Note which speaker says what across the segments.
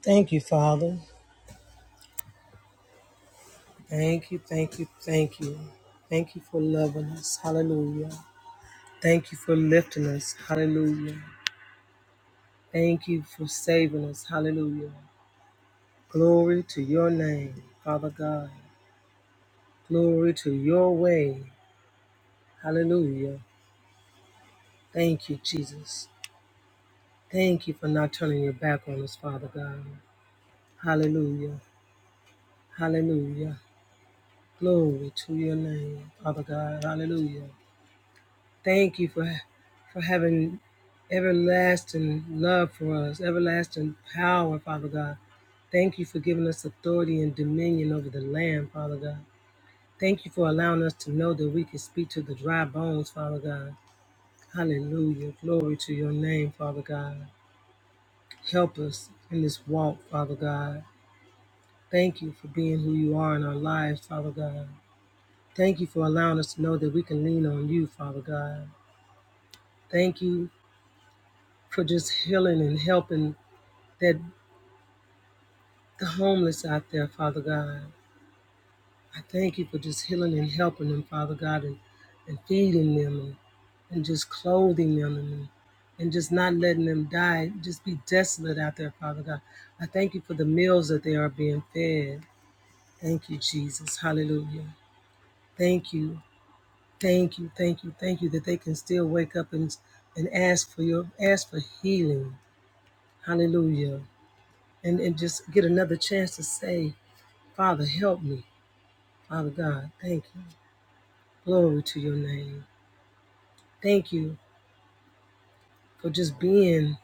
Speaker 1: Thank you, Father. Thank you, thank you, thank you. Thank you for loving us. Hallelujah. Thank you for lifting us. Hallelujah. Thank you for saving us. Hallelujah. Glory to your name, Father God. Glory to your way. Hallelujah. Thank you, Jesus. Thank you for not turning your back on us, Father God. Hallelujah. Hallelujah. Glory to your name, Father God. Hallelujah. Thank you for, for having everlasting love for us, everlasting power, Father God. Thank you for giving us authority and dominion over the land, Father God. Thank you for allowing us to know that we can speak to the dry bones, Father God. Hallelujah. Glory to your name, Father God. Help us in this walk, Father God. Thank you for being who you are in our lives, Father God. Thank you for allowing us to know that we can lean on you, Father God. Thank you for just healing and helping that the homeless out there, Father God. I thank you for just healing and helping them, Father God, and, and feeding them and, and just clothing them and, and just not letting them die, just be desolate out there, Father God. I thank you for the meals that they are being fed. Thank you, Jesus. Hallelujah. Thank you. Thank you. Thank you. Thank you that they can still wake up and and ask for your ask for healing. Hallelujah and, and just get another chance to say, Father, help me. Father God, thank you. Glory to your name. Thank you for just being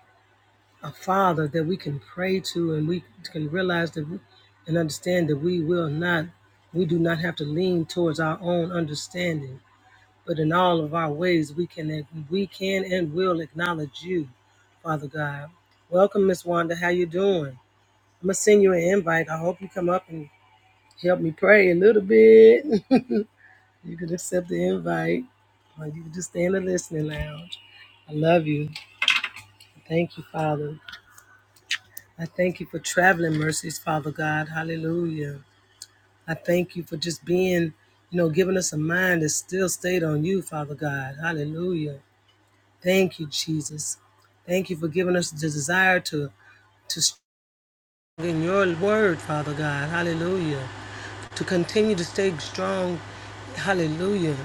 Speaker 1: a father that we can pray to and we can realize that we, and understand that we will not, we do not have to lean towards our own understanding, but in all of our ways we can we can and will acknowledge you, Father God. Welcome, Miss Wanda. How you doing? I'm gonna send you an invite. I hope you come up and. Help me pray a little bit. you can accept the invite, or you can just stay in the listening lounge. I love you. Thank you, Father. I thank you for traveling mercies, Father God. Hallelujah. I thank you for just being, you know, giving us a mind that still stayed on you, Father God. Hallelujah. Thank you, Jesus. Thank you for giving us the desire to to in your word, Father God. Hallelujah. to continue to stay strong. Hallelujah.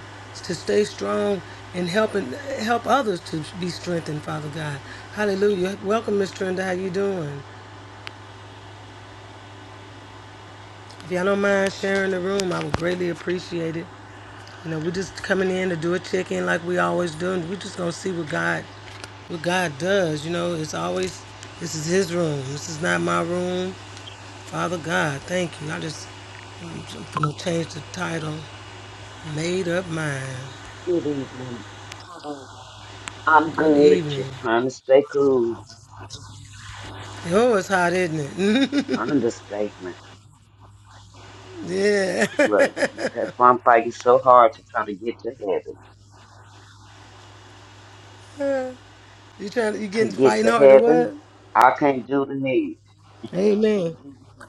Speaker 1: To stay strong and helping help others to be strengthened, Father God. Hallelujah. Welcome, Miss Trenda. How you doing? If y'all don't mind sharing the room, I would greatly appreciate it. You know, we're just coming in to do a check-in like we always do, and we're just gonna see what God what God does. You know, it's always this is His room. This is not my room. Father God, thank you. I just I'm gonna change the title. Made up mind.
Speaker 2: Good evening. I'm
Speaker 1: Good
Speaker 2: good,
Speaker 1: evening.
Speaker 2: just trying to stay cool.
Speaker 1: Oh, it's hot, isn't it?
Speaker 2: Understatement.
Speaker 1: yeah.
Speaker 2: Look, that's why I'm fighting so hard to try to get to heaven.
Speaker 1: you trying? You
Speaker 2: To
Speaker 1: getting
Speaker 2: get
Speaker 1: fighting
Speaker 2: to
Speaker 1: hard to
Speaker 2: heaven,
Speaker 1: what?
Speaker 2: I can't do the heat.
Speaker 1: Amen.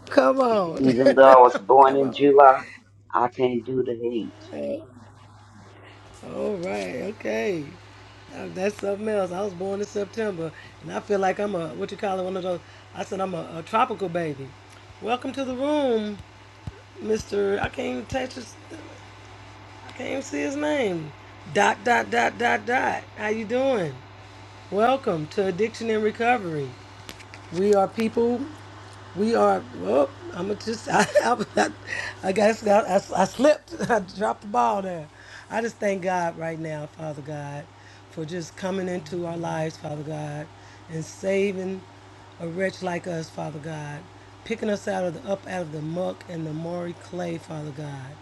Speaker 1: Come on.
Speaker 2: Even though I was born
Speaker 1: Come
Speaker 2: in
Speaker 1: on.
Speaker 2: July, I can't do the heat.
Speaker 1: All right. Okay. Uh, That's something else. I was born in September, and I feel like I'm a what you call it one of those. I said I'm a, a tropical baby. Welcome to the room, Mister. I can't even touch his. I can't even see his name. Dot dot dot dot dot. How you doing? Welcome to Addiction and Recovery. We are people. We are. Well, I'm gonna just. I, I, I guess I, I, I slipped. I dropped the ball there. I just thank God right now, Father God, for just coming into our lives, Father God, and saving a wretch like us, Father God, picking us out of the up out of the muck and the murky clay, Father God.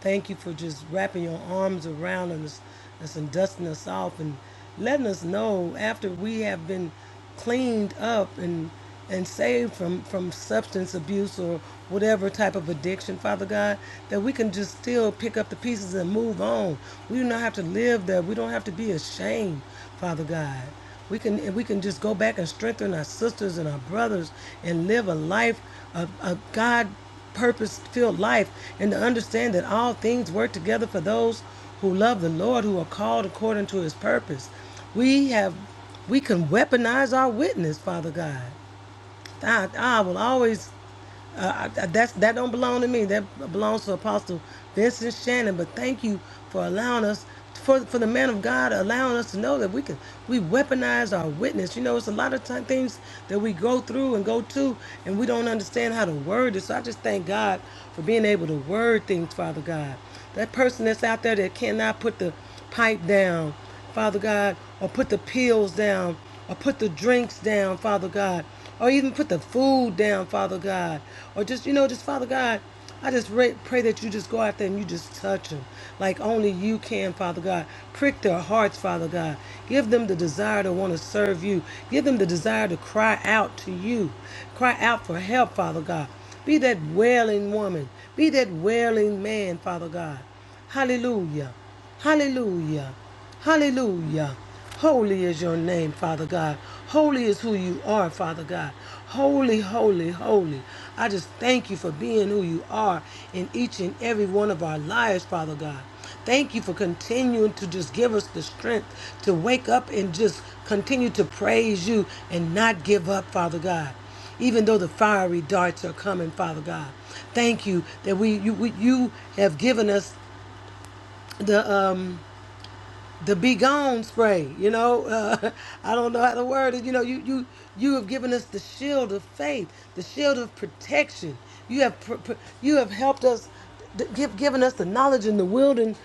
Speaker 1: Thank you for just wrapping your arms around us, us and dusting us off and letting us know after we have been cleaned up and and saved from from substance abuse or whatever type of addiction, Father God, that we can just still pick up the pieces and move on. We do not have to live there. We don't have to be ashamed, Father God. We can and we can just go back and strengthen our sisters and our brothers and live a life of, of God purpose filled life and to understand that all things work together for those who love the Lord, who are called according to his purpose. We have we can weaponize our witness, Father God. I, I will always uh, I- I- that's that don't belong to me. That belongs to Apostle Vincent Shannon. But thank you for allowing us for for the man of God allowing us to know that we can we weaponize our witness. You know, it's a lot of time, things that we go through and go to, and we don't understand how to word it. So I just thank God for being able to word things, Father God. That person that's out there that cannot put the pipe down Father God, or put the pills down, or put the drinks down, Father God, or even put the food down, Father God, or just, you know, just Father God, I just ra- pray that you just go out there and you just touch them like only you can, Father God. Prick their hearts, Father God. Give them the desire to want to serve you. Give them the desire to cry out to you, cry out for help, Father God. Be that wailing woman. Be that wailing man, Father God. Hallelujah. Hallelujah. Hallelujah. Holy is your name, Father God. Holy is who you are, Father God. Holy, holy, holy. I just thank you for being who you are in each and every one of our lives, Father God. Thank you for continuing to just give us the strength to wake up and just continue to praise you and not give up, Father God even though the fiery darts are coming, Father God. Thank you that we you, we, you have given us the um the be gone spray you know uh, i don't know how to word it you know you you you have given us the shield of faith the shield of protection you have pr- pr- you have helped us th- give, given us the knowledge and the will and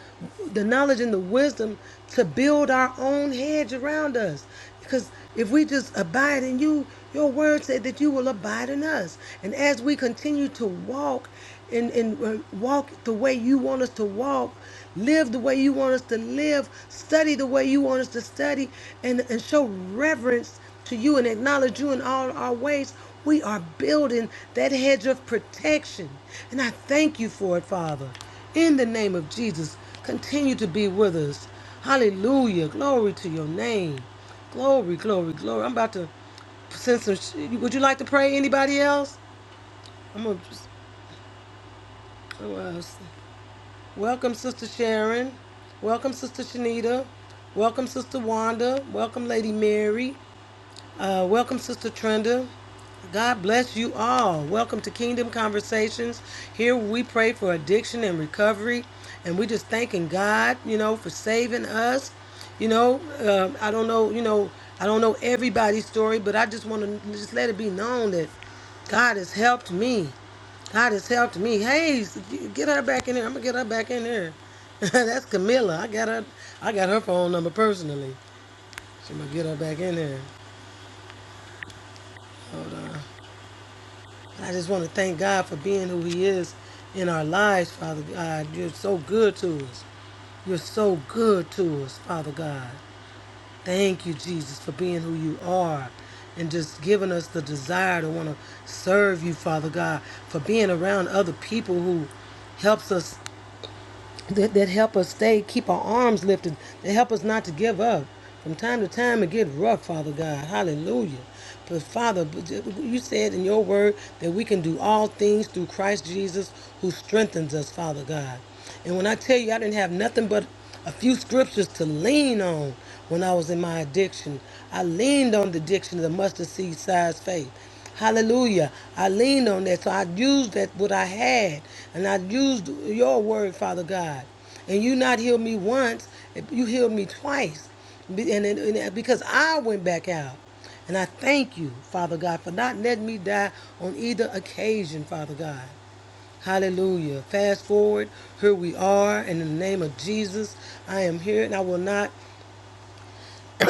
Speaker 1: the knowledge and the wisdom to build our own hedge around us because if we just abide in you, your word said that you will abide in us. And as we continue to walk and, and uh, walk the way you want us to walk, live the way you want us to live, study the way you want us to study, and, and show reverence to you and acknowledge you in all our ways, we are building that hedge of protection. And I thank you for it, Father. In the name of Jesus, continue to be with us. Hallelujah. Glory to your name. Glory, glory, glory. I'm about to send some. Sh- Would you like to pray? Anybody else? I'm gonna. Just, oh, uh, welcome, Sister Sharon. Welcome, Sister Shanita. Welcome, Sister Wanda. Welcome, Lady Mary. Uh, welcome, Sister Trenda. God bless you all. Welcome to Kingdom Conversations. Here we pray for addiction and recovery, and we just thanking God, you know, for saving us. You know, uh, I don't know, you know, I don't know everybody's story, but I just want to just let it be known that God has helped me. God has helped me. Hey, s- get her back in here. I'm gonna get her back in here. That's Camilla. I got her. I got her phone number personally. So I'm gonna get her back in here. Hold on. I just want to thank God for being who He is in our lives, Father God. You're so good to us. You're so good to us, Father God. Thank you, Jesus, for being who you are and just giving us the desire to want to serve you, Father God, for being around other people who helps us that, that help us stay, keep our arms lifted, that help us not to give up. From time to time, it get rough, Father God. Hallelujah. But Father, you you said in your word that we can do all things through Christ Jesus who strengthens us, Father God. And when I tell you I didn't have nothing but a few scriptures to lean on when I was in my addiction, I leaned on the addiction of the mustard seed size faith. Hallelujah. I leaned on that. So I used that what I had. And I used your word, Father God. And you not healed me once, you healed me twice. And, and, and because I went back out. And I thank you, Father God, for not letting me die on either occasion, Father God. Hallelujah. Fast forward, here we are. And in the name of Jesus, I am here and I will not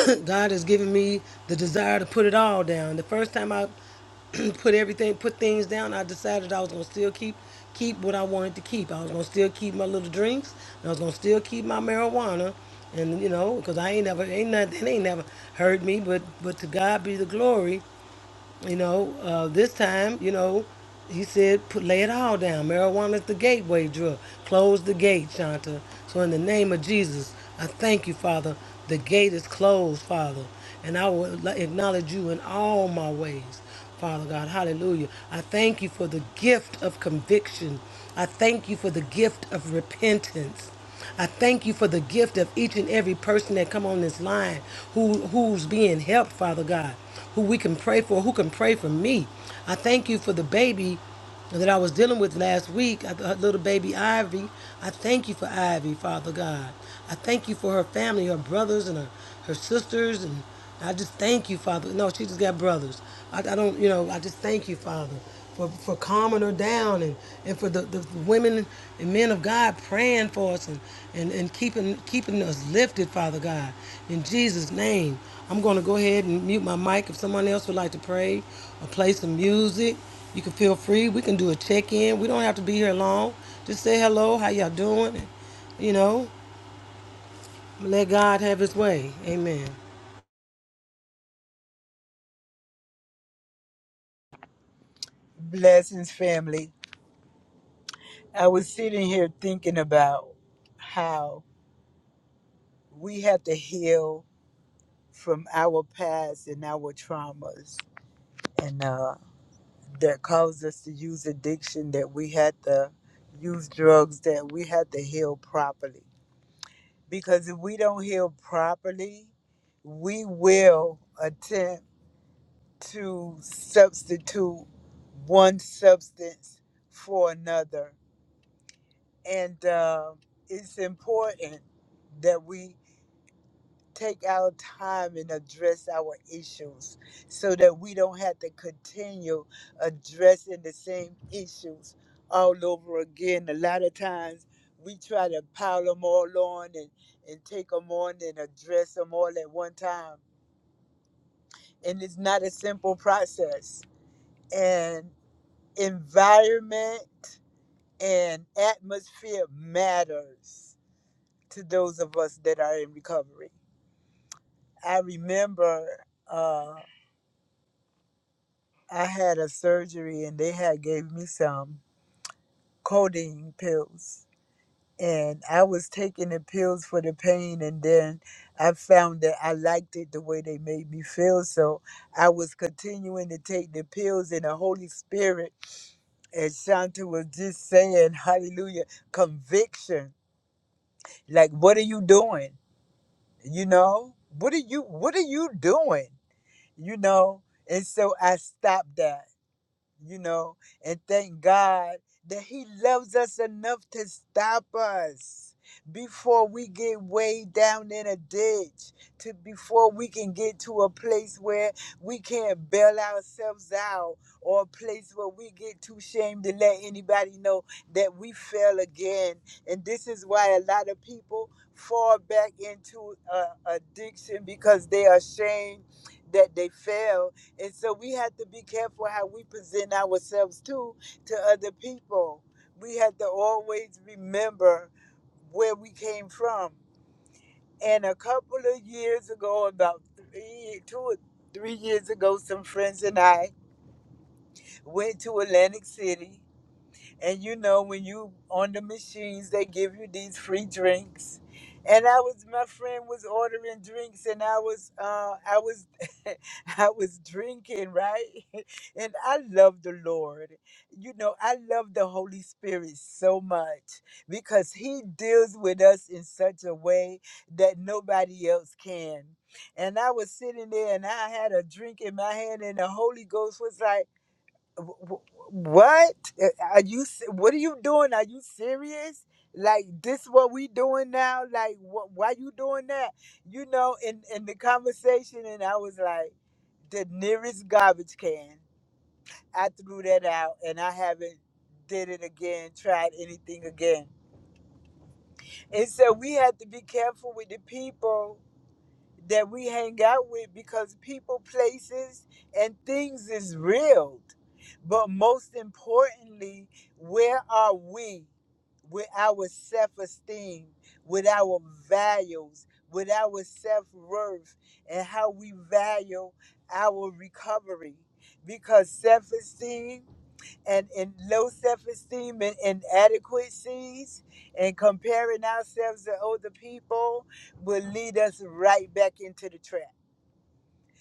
Speaker 1: God has given me the desire to put it all down. The first time I put everything, put things down, I decided I was gonna still keep keep what I wanted to keep. I was gonna still keep my little drinks, and I was gonna still keep my marijuana, and you know, because I ain't never ain't nothing ain't never hurt me, but but to God be the glory. You know, uh, this time, you know, he said, put, lay it all down. Marijuana is the gateway drug. Close the gate, Shanta. So in the name of Jesus, I thank you, Father. The gate is closed, Father. And I will acknowledge you in all my ways, Father God. Hallelujah. I thank you for the gift of conviction. I thank you for the gift of repentance. I thank you for the gift of each and every person that come on this line who who's being helped, Father God, who we can pray for, who can pray for me. I thank you for the baby that I was dealing with last week, a a little baby Ivy. I thank you for Ivy, Father God. I thank you for her family, her brothers and her, her sisters and I just thank you, Father. No, she just got brothers. I, I don't, you know, I just thank you, Father for, for calming her down and, and for the, the women and men of God praying for us and, and, and keeping keeping us lifted, Father God. In Jesus' name, I'm going to go ahead and mute my mic. If someone else would like to pray or play some music, you can feel free. We can do a check in. We don't have to be here long. Just say hello, how y'all doing? You know, let God have his way. Amen.
Speaker 3: Blessings, family. I was sitting here thinking about how we have to heal from our past and our traumas, and uh, that caused us to use addiction, that we had to use drugs, that we had to heal properly. Because if we don't heal properly, we will attempt to substitute one substance for another and um it's important that we take our time and address our issues so that we don't have to continue addressing the same issues all over again a lot of times we try to pile them all on and, and take them on and address them all at one time and it's not a simple process and environment and atmosphere matters to those of us that are in recovery. I remember uh, I had a surgery and they had gave me some codeine pills. And I was taking the pills for the pain, and then I found that I liked it the way they made me feel. So I was continuing to take the pills, and the Holy Spirit, as Shanta was just saying, hallelujah, conviction. Like, what are you doing? You know, what are you, what are you doing? you know. And so I stopped that you know, and thank God that He loves us enough to stop us before we get way down in a ditch, to before we can get to a place where we can't bail ourselves out, or a place where we get too ashamed to let anybody know that we fell again. And this is why a lot of people fall back into uh, addiction because they are ashamed that they failed and so we have to be careful how we present ourselves too to other people. We have to always remember where we came from. And a couple of years ago, about three, two or three years ago, some friends and I went to Atlantic City and you know, when you on the machines, they give you these free drinks. And I was my friend was ordering drinks and I was uh I was I was drinking, right? And I love the Lord. You know, I love the Holy Spirit so much because he deals with us in such a way that nobody else can. And I was sitting there and I had a drink in my hand and the Holy Ghost was like w- w- what Uh, are you se- what are you doing are you serious like this what we doing now like wh- why you doing that you know in in the conversation and i was like the nearest garbage can i threw that out and i haven't did it again tried anything again and so we have to be careful with the people that we hang out with because people, places, and things is real. But most importantly, where are we with our self esteem, with our values, with our self worth, and how we value our recovery? Because self esteem and in low self-esteem and inadequacies and comparing ourselves to other people will lead us right back into the trap.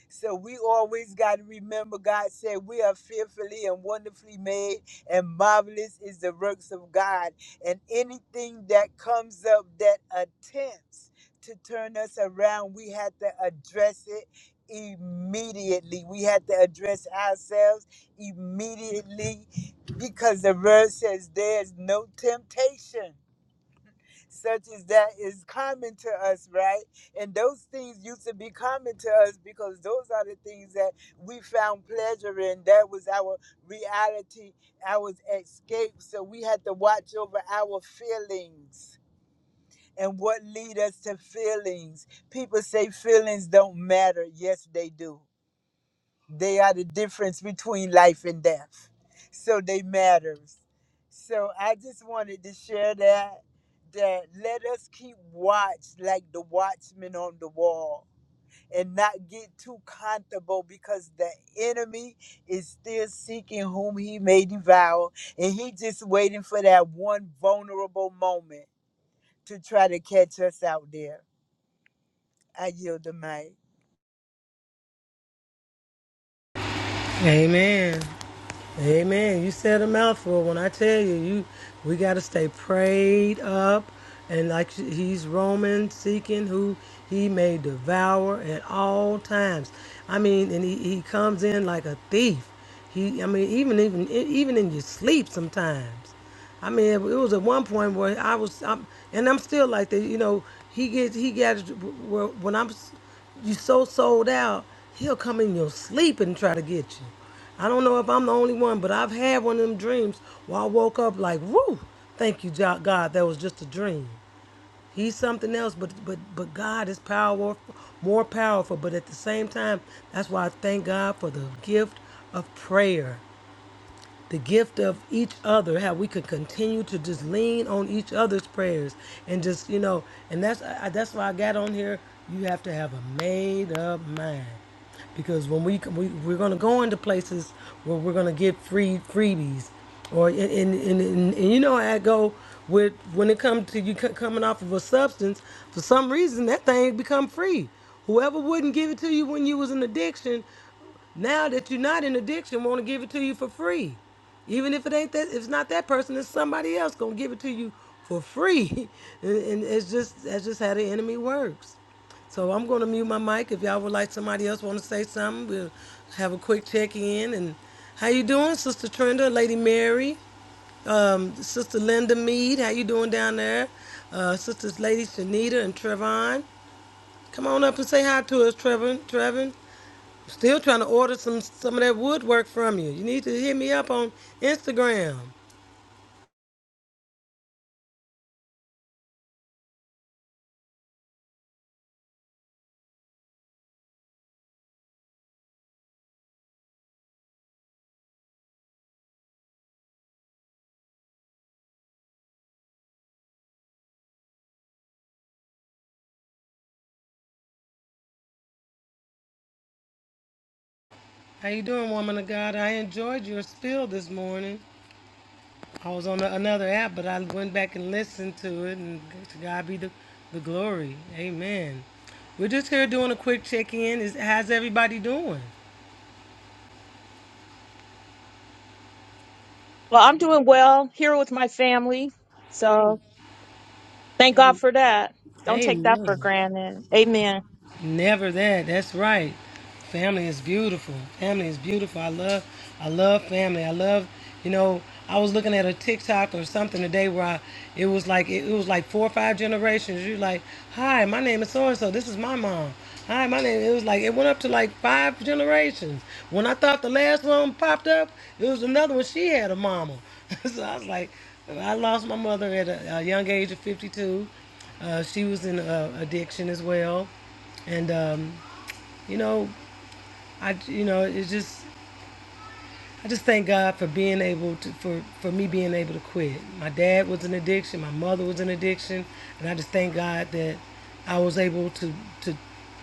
Speaker 3: So we always got to remember God said we are fearfully and wonderfully made, and marvelous is the works of God. And anything that comes up that attempts to turn us around, we have to address it immediately. We have to address ourselves immediately because the word says there's no temptation such as that is common to us, right? And those things used to be common to us because those are the things that we found pleasure in. That was our reality, our escape. So we had to watch over our feelings and what lead us to feelings. People say feelings don't matter. Yes, they do. They are the difference between life and death. So they matters. So I just wanted to share that that let us keep watch like the watchman on the wall and not get too comfortable because the enemy is still seeking whom he may devour and he just waiting for that one vulnerable moment to try to catch us out there. I yield the mic.
Speaker 1: Amen. Amen. You said a mouthful. When I tell you, you we got to stay prayed up, and like he's Roman, seeking who he may devour at all times. I mean, and he, he comes in like a thief. He, I mean, even even even in your sleep sometimes. I mean, it was at one point where I was, I'm, and I'm still like that. You know, he gets, he got, where when I'm, s- you so sold out, he'll come in your sleep and try to get you. I don't know if I'm the only one, but I've had one of them dreams where I woke up like, woo, thank you, Jo- God, that was just a dream. He's something else, but but but God is power more powerful. But at the same time, that's why I thank God for the gift of prayer the gift of each other, how we could continue to just lean on each other's prayers and just, you know, and that's I, that's why I got on here. You have to have a made up mind because when we, we we're gonna go into places where we're gonna get free freebies, or and and, and, and, and you know I go with when it comes to you c- coming off of a substance for some reason that thing become free. Whoever wouldn't give it to you when you was in addiction now that you're not in addiction, want to give it to you for free. Even if it ain't that, if it's not that person, it's somebody else gonna give it to you for free. and, and it's just that's just how the enemy works. So I'm gonna mute my mic. If y'all would like somebody else want to say something, we'll have a quick check in. And how you doing, Sister Trenda, Lady Mary, um, Sister Linda Mead? How you doing down there, uh, Sisters Lady Shanita and Trevon? Come on up and say hi to us, Trevon. Trevon. Still trying to order some some of that woodwork from you. You need to hit me up on Instagram. How you doing, woman of God? I enjoyed your spiel this morning. I was on a, another app, but I went back and listened to it, and to God be the, the glory. Amen. We're just here doing a quick check-in. Is how's everybody doing?
Speaker 4: Well, I'm doing well here with my family.
Speaker 1: Amen.
Speaker 4: So thank God for that. Don't take that for
Speaker 1: Amen.
Speaker 4: granted. Amen.
Speaker 1: Never that. That's right. Family is beautiful. Family is beautiful. I love I love family. I love you know, I was looking at a TikTok or something today where I, it was like it, it was like four or five generations. You're like, Hi, my name is so and so, this is my mom. Hi, my name it was like it went up to like five generations. When I thought the last one popped up, it was another one. She had a mama. so I was like I lost my mother at a, a young age of fifty two. Uh, she was in uh, addiction as well and um, you know, I you know it's just I just thank God for being able to for for me being able to quit. My dad was an addiction, my mother was an addiction, and I just thank God that I was able to to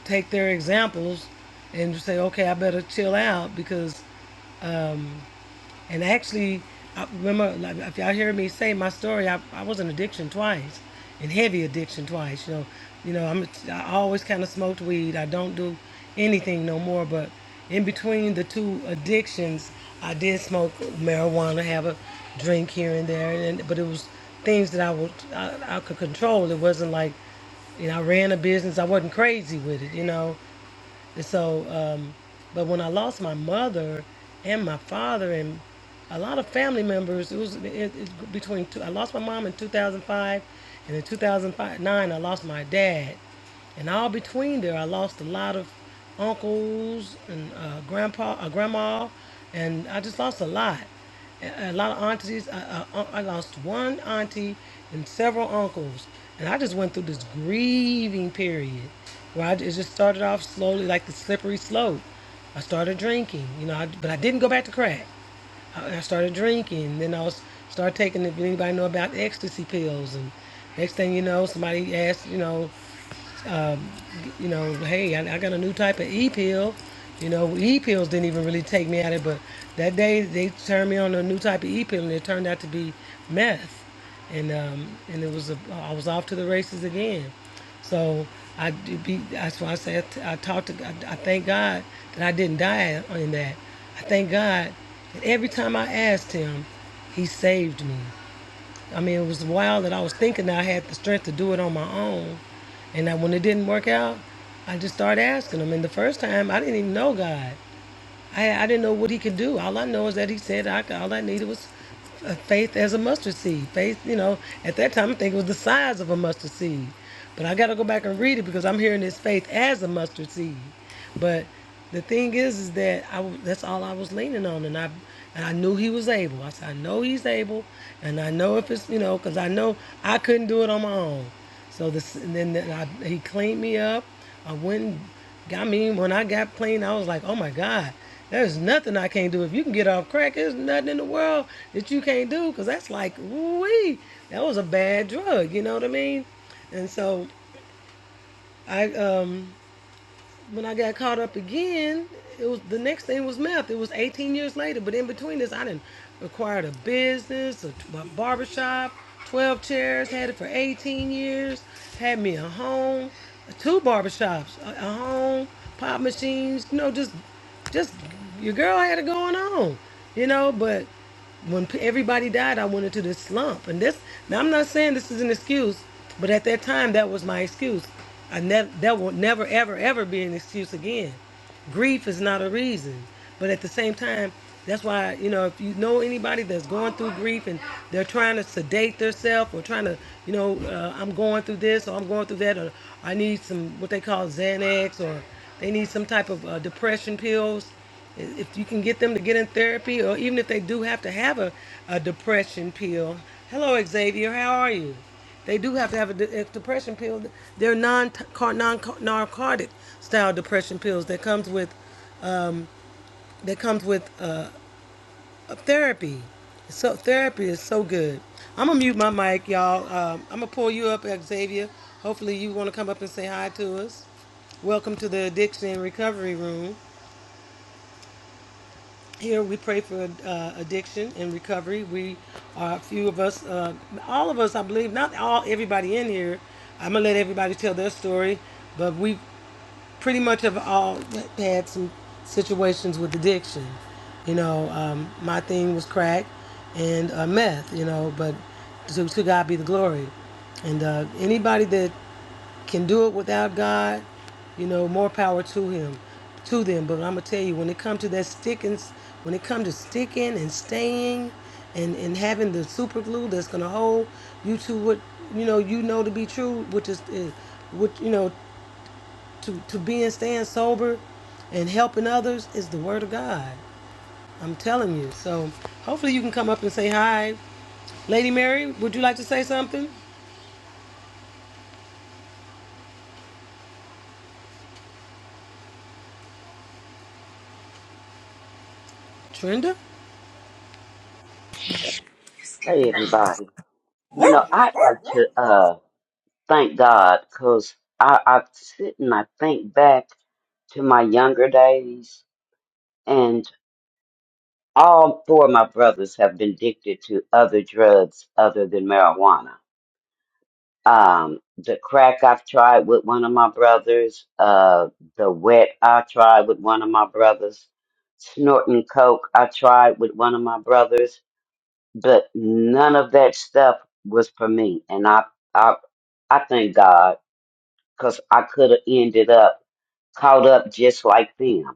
Speaker 1: take their examples and just say, okay, I better chill out because um, And actually, I remember like, if y'all hear me say my story, I, I was in addiction twice, in heavy addiction twice. You know, you know, I'm I always kind of smoked weed. I don't do anything no more. But in between the two addictions, I did smoke marijuana, have a drink here and there, and but it was things that I would I, I could control. It wasn't like you know, I ran a business. I wasn't crazy with it, you know. And so, um, but when I lost my mother and my father and a lot of family members, it was it, it, between two, I lost my mom in 2005, and in 2009 I lost my dad. And all between there, I lost a lot of uncles and uh, grandpa, uh, grandma, and I just lost a lot. A a lot of aunties. I, I, uh, I lost one auntie and several uncles. And I just went through this grieving period where I, it just started off slowly like the slippery slope. I started drinking, you know, I, but I didn't go back to crack. I, I started drinking. Then I was started taking, if anybody know about ecstasy pills. And next thing you know, somebody asked, you know, um, you know, hey, I, I got a new type of e pill. You know, e pills didn't even really take me out of it, but that day they turned me on a new type of e pill, and it turned out to be meth, and um, and it was a, I was off to the races again. So I do be that's why I say I, t- I talked to God- I, thank God that I didn't die in that. I thank God that every time I asked Him, He saved me. I mean, it was wild that I was thinking that I had the strength to do it on my own. And that when it didn't work out, I just started asking him. And the first time, I didn't even know God. I, I didn't know what he could do. All I know is that he said I could, all I needed was uh, faith as a mustard seed. Faith, you know, at that time, I think it was the size of a mustard seed. But I got to go back and read it because I'm hearing this faith as a mustard seed. But the thing is, is that i that's all I was leaning on, and I and I knew he was able. I said, I know he's able, and I know if it's you know, because I know I couldn't do it on my own. So this, and then I, he cleaned me up. I went, and got me when I got clean. I was like, oh my god, there's nothing I can't do. If you can get off crack, there's nothing in the world that you can't do, because that's like, wee, that was a bad drug. You know what I mean? And so I um when I got caught up again, it was the next thing was meth. It was 18 years later, but in between this, I didn't acquired a business, a, a barbershop, 12 chairs, had it for 18 years, had me a home, two barbershops, a, a home, pop machines, you know, just just your girl had it going on, you know, but when everybody died, I went into this slump. And this, now I'm not saying this is an excuse, but at that time, that was my excuse. I never, that will never, ever, ever be an excuse again. Grief is not a reason, but at the same time, that's why you know if you know anybody that's going through grief and they're trying to sedate themselves or trying to, you know, uh, I'm going through this or I'm going through that or I need some what they call Xanax or they need some type of uh, depression pills if you can get them to get in therapy or even if they do have to have a, a depression pill hello xavier how are you they do have to have a, de- a depression pill they're non non narcotic style depression pills that comes with that comes with uh, a therapy so therapy is so good i'm gonna mute my mic y'all um, i'm gonna pull you up xavier hopefully you want to come up and say hi to us welcome to the addiction recovery room Here we pray for uh, addiction and recovery. We are a few of us, uh, all of us, I believe, not all, everybody in here. I'm gonna let everybody tell their story, but we pretty much have all had some situations with addiction. You know, um, my thing was crack and uh, meth. You know, but to, to God be the glory. And uh, anybody that can do it without God, you know, more power to him, to them. But I'm gonna tell you, when it comes to that sticking, when it comes to sticking and staying, and and having the super glue that's gonna hold you to what you know you know to be true, which is, is which you know to to being staying sober, and helping others is the word of God. I'm telling you. So hopefully you can come up and say hi, Lady Mary. Would you like to say something, Trenda?
Speaker 2: Hey, everybody. You know, I'd like to uh thank God because I, I sit and I think back to my younger days. all four of my brothers have been addicted to other drugs other than marijuana. Um, the crack I've tried with one of my brothers, uh, the wet I tried with one of my brothers, snorting coke I tried with one of my brothers, but none of that stuff was for me. And I, I, I thank God because I could have ended up caught up just like them.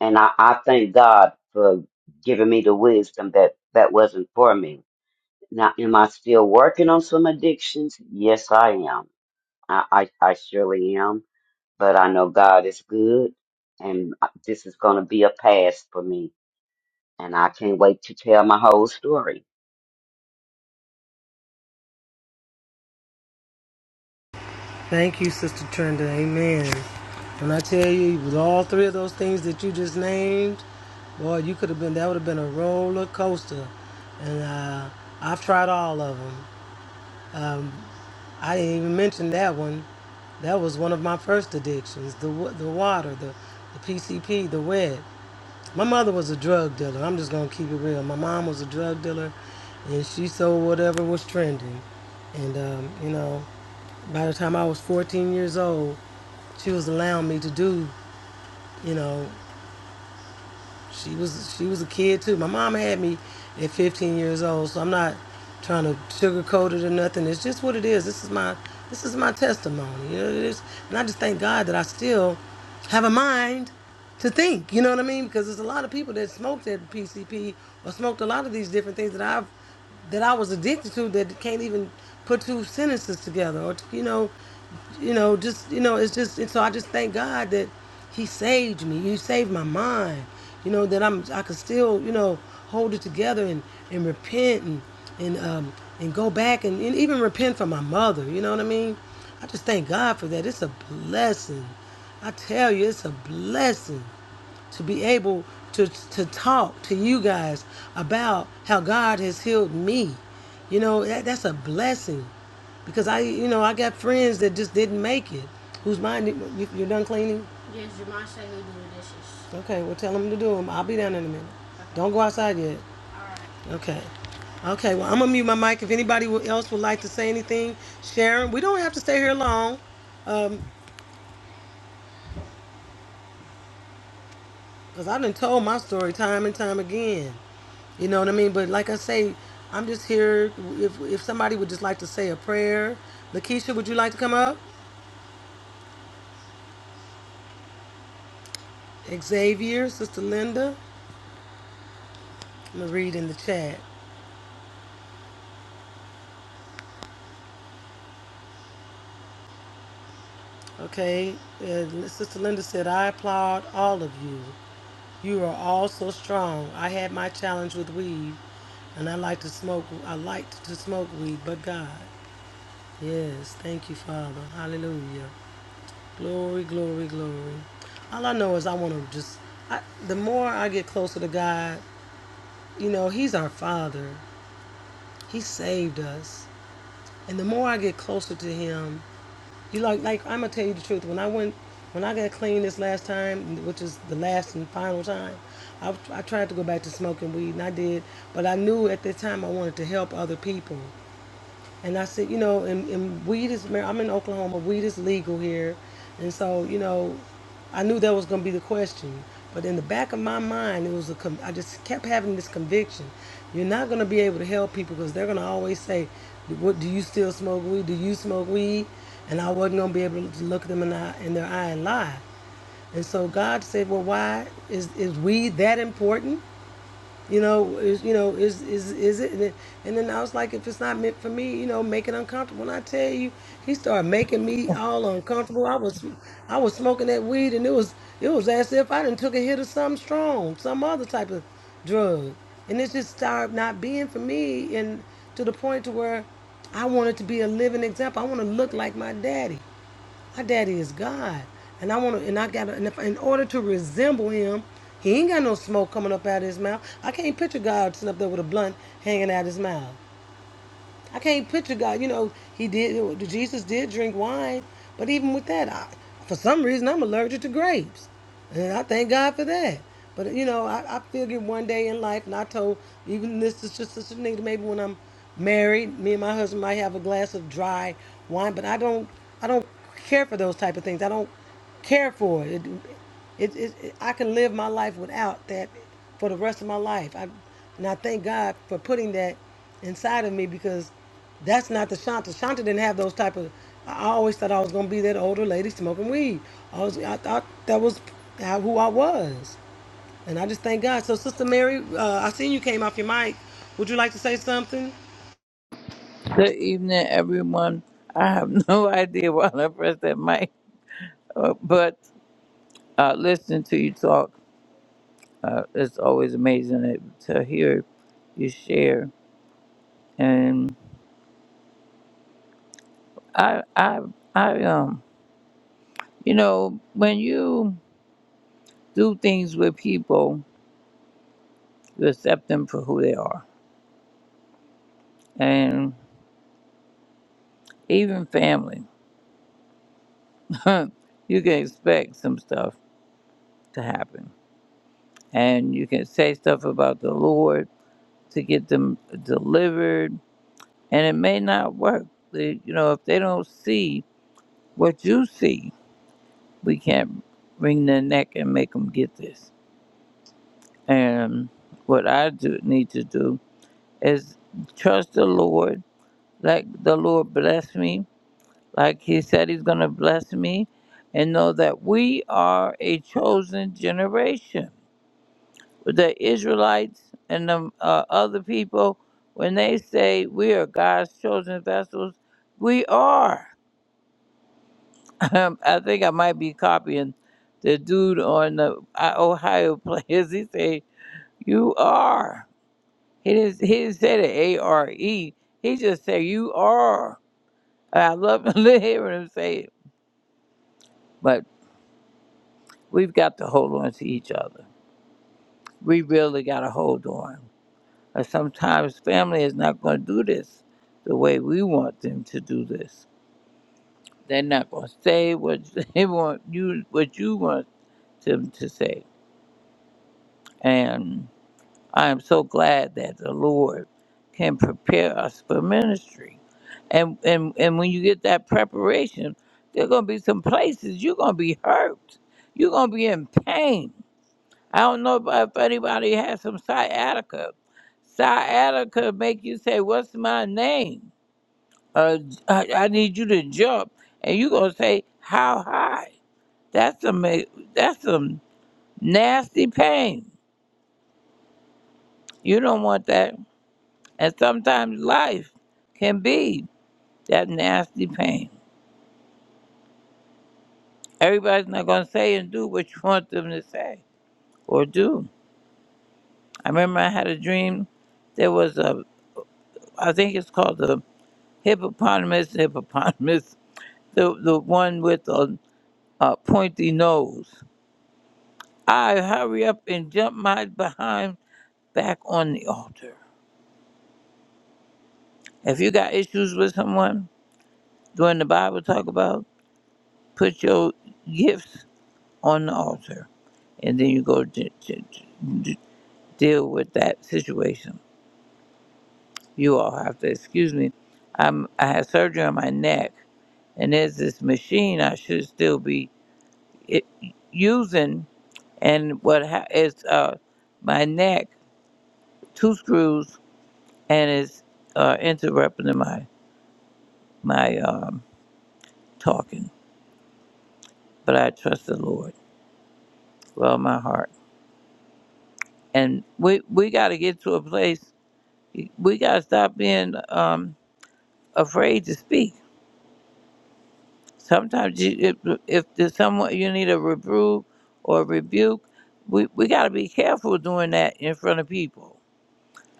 Speaker 2: And I, I thank God for giving me the wisdom that that wasn't for me Now, am I still working on some addictions? Yes, I am. I, I, I surely am. But I know God is good, and uh, this is going to be a pass for me. And I can't wait to tell my whole story.
Speaker 1: Thank you, Sister Trenda. Amen. When I tell you, with all three of those things that you just named, boy, you could have been, that would have been a roller coaster. And uh, I've tried all of them. Um, I didn't even mention that one. That was one of my first addictions the, wa- the water, the, the PCP, the wet. My mother was a drug dealer. I'm just going to keep it real. My mom was a drug dealer, and she sold whatever was trending. And, um, you know, by the time I was 14 years old, she was allowing me to do, you know, she was she was a kid too. My mom had me at 15 years old, so I'm not trying to sugarcoat it or nothing. It's just what it is. This is my this is my testimony. You know, it is, and I just thank God that I still have a mind to think. You know what I mean? Because there's a lot of people that smoked at PCP or smoked a lot of these different things that I've that I was addicted to that can't even put two sentences together or you know you know, just you know, it's just and so I just thank God that He saved me. He saved my mind. You know that I'm I could still you know hold it together and and repent and and um and go back and, and even repent for my mother. You know what I mean? I just thank God for that. It's a blessing. I tell you, it's a blessing to be able to to talk to you guys about how God has healed me. You know, that, that's a blessing because I, you know, I got friends that just didn't make it. Who's mine? You, you're done cleaning? Okay, well, tell them to do them. I'll be down in a minute. Don't go outside yet. Okay. Okay, well, I'm going to mute my mic. If anybody wo- else would like to say anything, Sharon, we don't have to stay here long because I done told my story time and time again. You know what I mean? But like I say, I'm just here. If if somebody would just like to say a prayer, Lakeisha, would you like to come up? Xavier, Sister Linda, I'm gonna read in the chat. Okay, uh, Sister Linda said, "I applaud all of you. You are all so strong. I had my challenge with weed, and I like to smoke. I liked to smoke weed, but God, yes, thank you, Father, Hallelujah." Glory, glory, glory. All I know is I want to just, I, the more I get closer to God, you know, He's our Father. He saved us. And the more I get closer to Him, you like, like, I'm going to tell you the truth. When I went, when I got clean this last time, which is the last and final time, I, I tried to go back to smoking weed and I did, but I knew at that time I wanted to help other people. And I said, you know, and, and weed is, mar- I'm in Oklahoma, weed is legal here. And so, you know, I knew that was going to be the question. But in the back of my mind, it was a, com- I just kept having this conviction. You're not going to be able to help people because they're going to always say, what, do you still smoke weed? Do you smoke weed? And I wasn't going to be able to look them in, the, eye- in their eye and lie. And so God said, well, why is, is weed that important? You know, is you know, is is is it? And then, and then I was like, if it's not meant for me, you know, make it uncomfortable. When I tell you, he started making me all uncomfortable. I was, I was smoking that weed, and it was it was as if I didn't took a hit of something strong, some other type of drug, and it just started not being for me, and to the point to where I wanted to be a living example. I want to look like my daddy. My daddy is God, and I want to, and I got, and if, in order to resemble him, he ain't got no smoke coming up out of his mouth. I can't picture God sitting up there with a blunt hanging out his mouth. I can't picture God. You know, he did. Jesus did drink wine, but even with that, I, for some reason, I'm allergic to grapes. And I thank God for that. But you know, I, I figured one day in life, and I told even this is just Sister Nita, maybe when I'm married, me and my husband might have a glass of dry wine, but I don't, I don't care for those type of things. I don't care for it. It, it, it I can live my life without that for the rest of my life. I, and I thank God for putting that inside of me because that's not the Shanta. Shanta didn't have those type of. I always thought I was gonna be that older lady smoking weed. I was. I thought that was how, who I was, and I just thank God. So, Sister Mary, uh, I seen you came off your mic. Would you like to say something?
Speaker 5: Good evening, everyone. I have no idea why I pressed that mic, uh, but uh, listening to you talk, uh, it's always amazing to to hear you share. And I, I, I, um, you know, when you do things with people, you accept them for who they are, and even family, you can expect some stuff to happen, and you can say stuff about the Lord to get them delivered and it may not work. They- You know, if they don't see what you see, we can't wring their neck and make them get this. And what I do need to do is trust the Lord, let the Lord bless me, like He said He's going to bless me, and know that we are a chosen generation. The Israelites and the uh, other people, when they say we are God's chosen vessels, we are. Um, I think I might be copying the dude on the uh, Ohio players. He said, "You are." He didn't. He didn't say the A R E. He just said, "You are." And I love hearing him say it. But we've got to hold on to each other. We really got to hold on. And sometimes family is not going to do this the way we want them to do this. They're not going to say what they want you what you want them to say. and. I am so glad that the Lord can prepare us for ministry. And and, and when you get that preparation, there are gonna be some places you're gonna be hurt. You're gonna be in pain. I don't know about if anybody has some sciatica. Sciatica make you say, What's my name? Uh, I, I need you to jump and you're gonna say, How high? That's some that's some nasty pain. You don't want that And sometimes life can be that nasty pain. Everybody's not going to say and do what you want them to say or do. I remember I had a dream. There was a, I think it's called the hippopotamus, hippopotamus, the, the one with the uh, pointy nose. I hurry up and jump my behind back on the altar. If you got issues with someone, during the Bible talk about, put your gifts on the altar and then you go to, to, to deal with that situation. You all have to excuse me. I'm I had surgery on my neck, and there's this machine I should still be it, using. And what ha- is uh, my neck two screws, and it's uh, interrupting my my um, talking. But I trust the Lord, with all my heart, and we we got to get to a place. We got to stop being um, afraid to speak Sometimes you, if, if there's someone you need a reprove or a rebuke, we, we got to be careful doing that in front of people.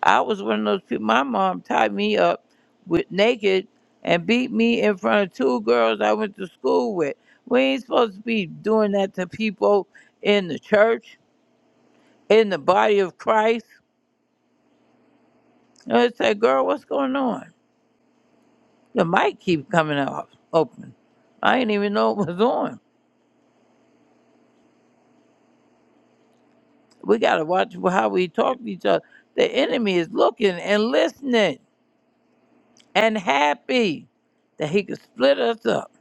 Speaker 5: I was one of those people. My mom tied me up with naked and beat me in front of two girls I went to school with. We ain't supposed to be doing that to people in the church, in the body of Christ. And I said, girl, what's going on? The mic keep coming off open. I didn't even know it was on. We got to watch how we talk to each other. The enemy is looking and listening and happy that he could split us up.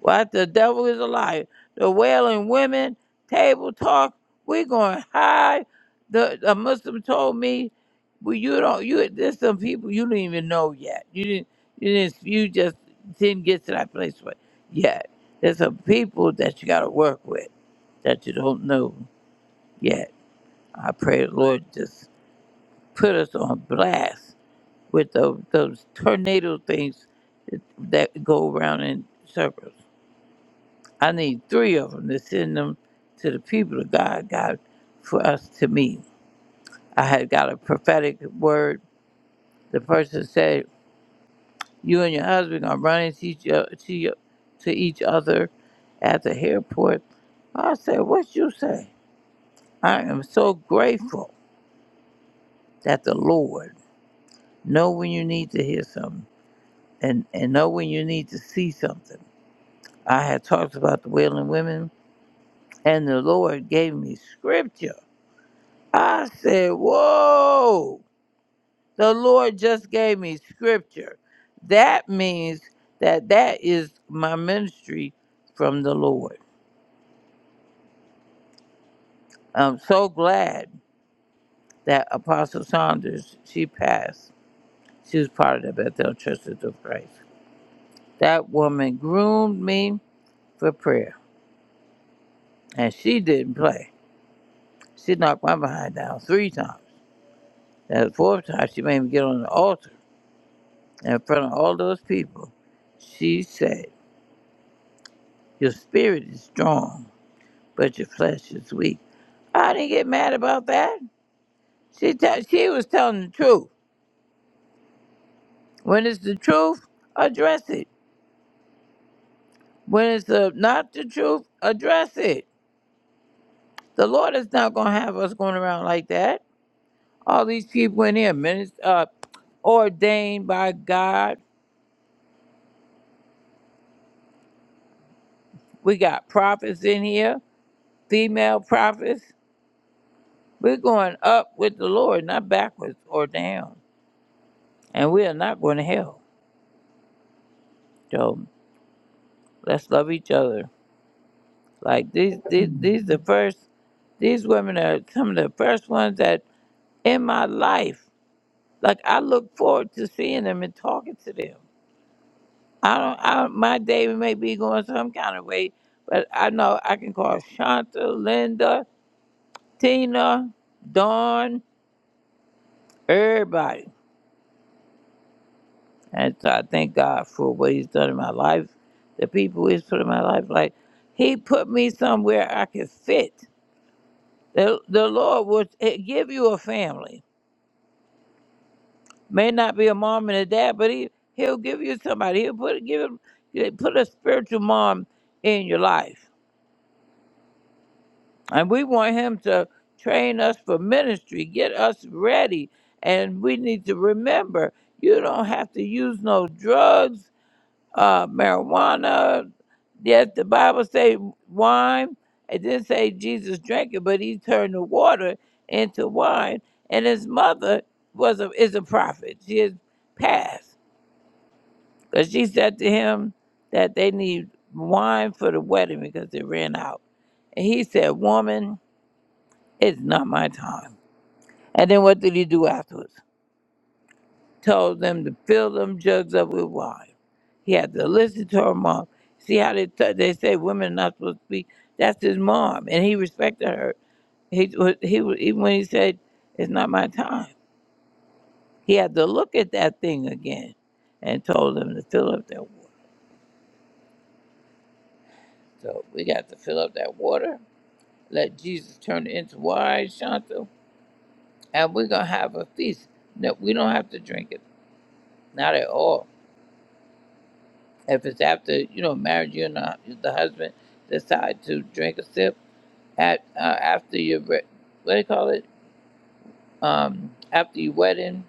Speaker 5: Why the devil is a liar? The wailing women, table talk, we're going high. The, the Muslim told me, well, you don't, you, there's some people you don't even know yet. You didn't, you didn't, you just didn't get to that place where- yet. There's some people that you got to work with that you don't know yet. I pray the Lord just put us on blast with those, those tornado things that go around in circles. I need three of them to send them to the people of God, God, for us to meet. I had got a prophetic word. The person said, "You and your husband are running to each, o- to, your- to each other at the airport." I said, "What you say?" I am so grateful that the Lord know when you need to hear something and, and know when you need to see something. I had talked about the wailing women, and the Lord gave me scripture. I said, Whoa, the Lord just gave me scripture. That means that that is my ministry from the Lord. I'm so glad that Apostle Saunders, she passed. She was part of the Bethel Churches of Christ. That woman groomed me for prayer, and she didn't play. She knocked my behind down three times. That fourth time she made me get on the altar in front of all those people. She said, Your spirit is strong, but your flesh is weak. I didn't get mad about that. She te- she was telling the truth. When it's the truth, address it. When it's uh not the truth, address it. The Lord is not going to have us going around like that. All these people in here, minist- uh, ordained by God. We got prophets in here, female prophets. We're going up with the Lord, not backwards or down. And we are not going to hell. So let's love each other. Like these, these, these the first. These women are some of the first ones that in my life. Like I look forward to seeing them and talking to them. I don't. I, my day may be going some kind of way, but I know I can call Shanta, Linda, Tina, Dawn, everybody And so I thank God for what He's done in my life, the people He's put in my life. Like He put me somewhere I could fit. The, the Lord will eh, give you a family. May not be a mom and a dad, but He He'll give you somebody. He'll put give him, eh, put a spiritual mom in your life, and we want Him to train us for ministry, get us ready. And we need to remember, you don't have to use no drugs. uh, marijuana. Yes, the Bible say wine. It didn't say Jesus drank it, but he turned the water into wine. And his mother was a, is a prophet. She has passed because she said to him that they need wine for the wedding because they ran out. And he said, "Woman, it's not my time." And then what did he do afterwards? told them to fill them jugs up with wine. He had to listen to her mom. See how they t- they say women are not supposed to be. That's his mom, and he respected her. He was he was even when he said it's not my time. He had to look at that thing again, and told them to fill up that water. So we got to fill up that water. Let Jesus turn it into wine, Shanta, and we're gonna have a feast. No, we don't have to drink it. Not at all If it's after you know marriage, you and the, the husband decide to drink a sip at uh, after your re- what do you call it? Um, after your wedding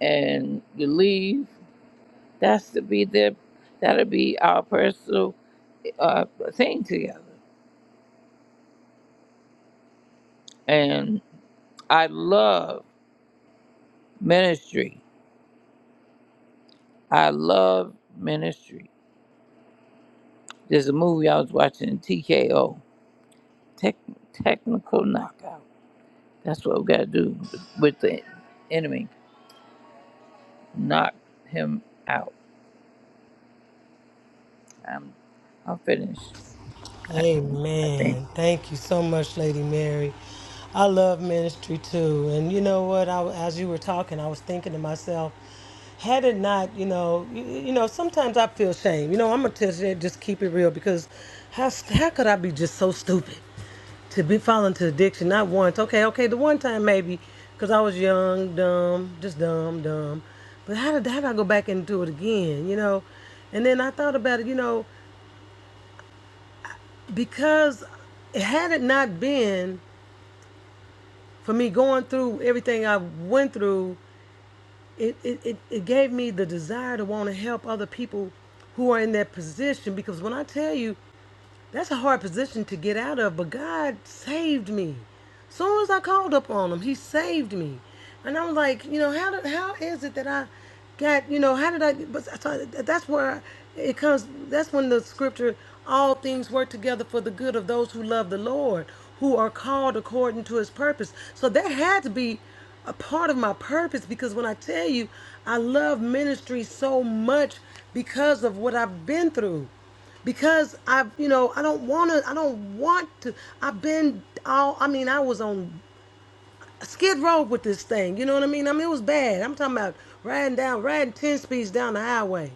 Speaker 5: and you leave, that's to be their that'll be our personal uh, thing together. And I love ministry. I love ministry. There's a movie I was watching, TKO, tech, Technical Knockout. That's what we got to do with the enemy knock him out. I'm I'm finished. I, I think.
Speaker 1: Amen. Thank you so much, Lady Mary. I love ministry too. And you know what? I, as you were talking, I was thinking to myself, had it not, you know, you, you know, sometimes I feel shame. You know, I'm gonna tell you, just keep it real because how how could I be just so stupid? to be fall into addiction not once okay okay the one time maybe because i was young dumb just dumb dumb but how did, how did i go back and do it again you know and then i thought about it you know because had it not been for me going through everything I went through, it, it, it, it gave me the desire to want to help other people who are in that position. Because when I tell you, that's a hard position to get out of, but God saved me. Soon as I called up on him, he saved me. And I was like, you know, how did, how is it that I got, you know, how did I, but so that's where it comes, that's when the scripture, all things work together for the good of those who love the Lord, who are called according to his purpose. So that had to be a part of my purpose because when I tell you, I love ministry so much because of what I've been through because I've, you know, I don't want to, I don't want to. I've been all, I mean, I was on skid row with this thing. You know what I mean? I mean, it was bad. I'm talking about riding down, riding 10 speeds down the highway.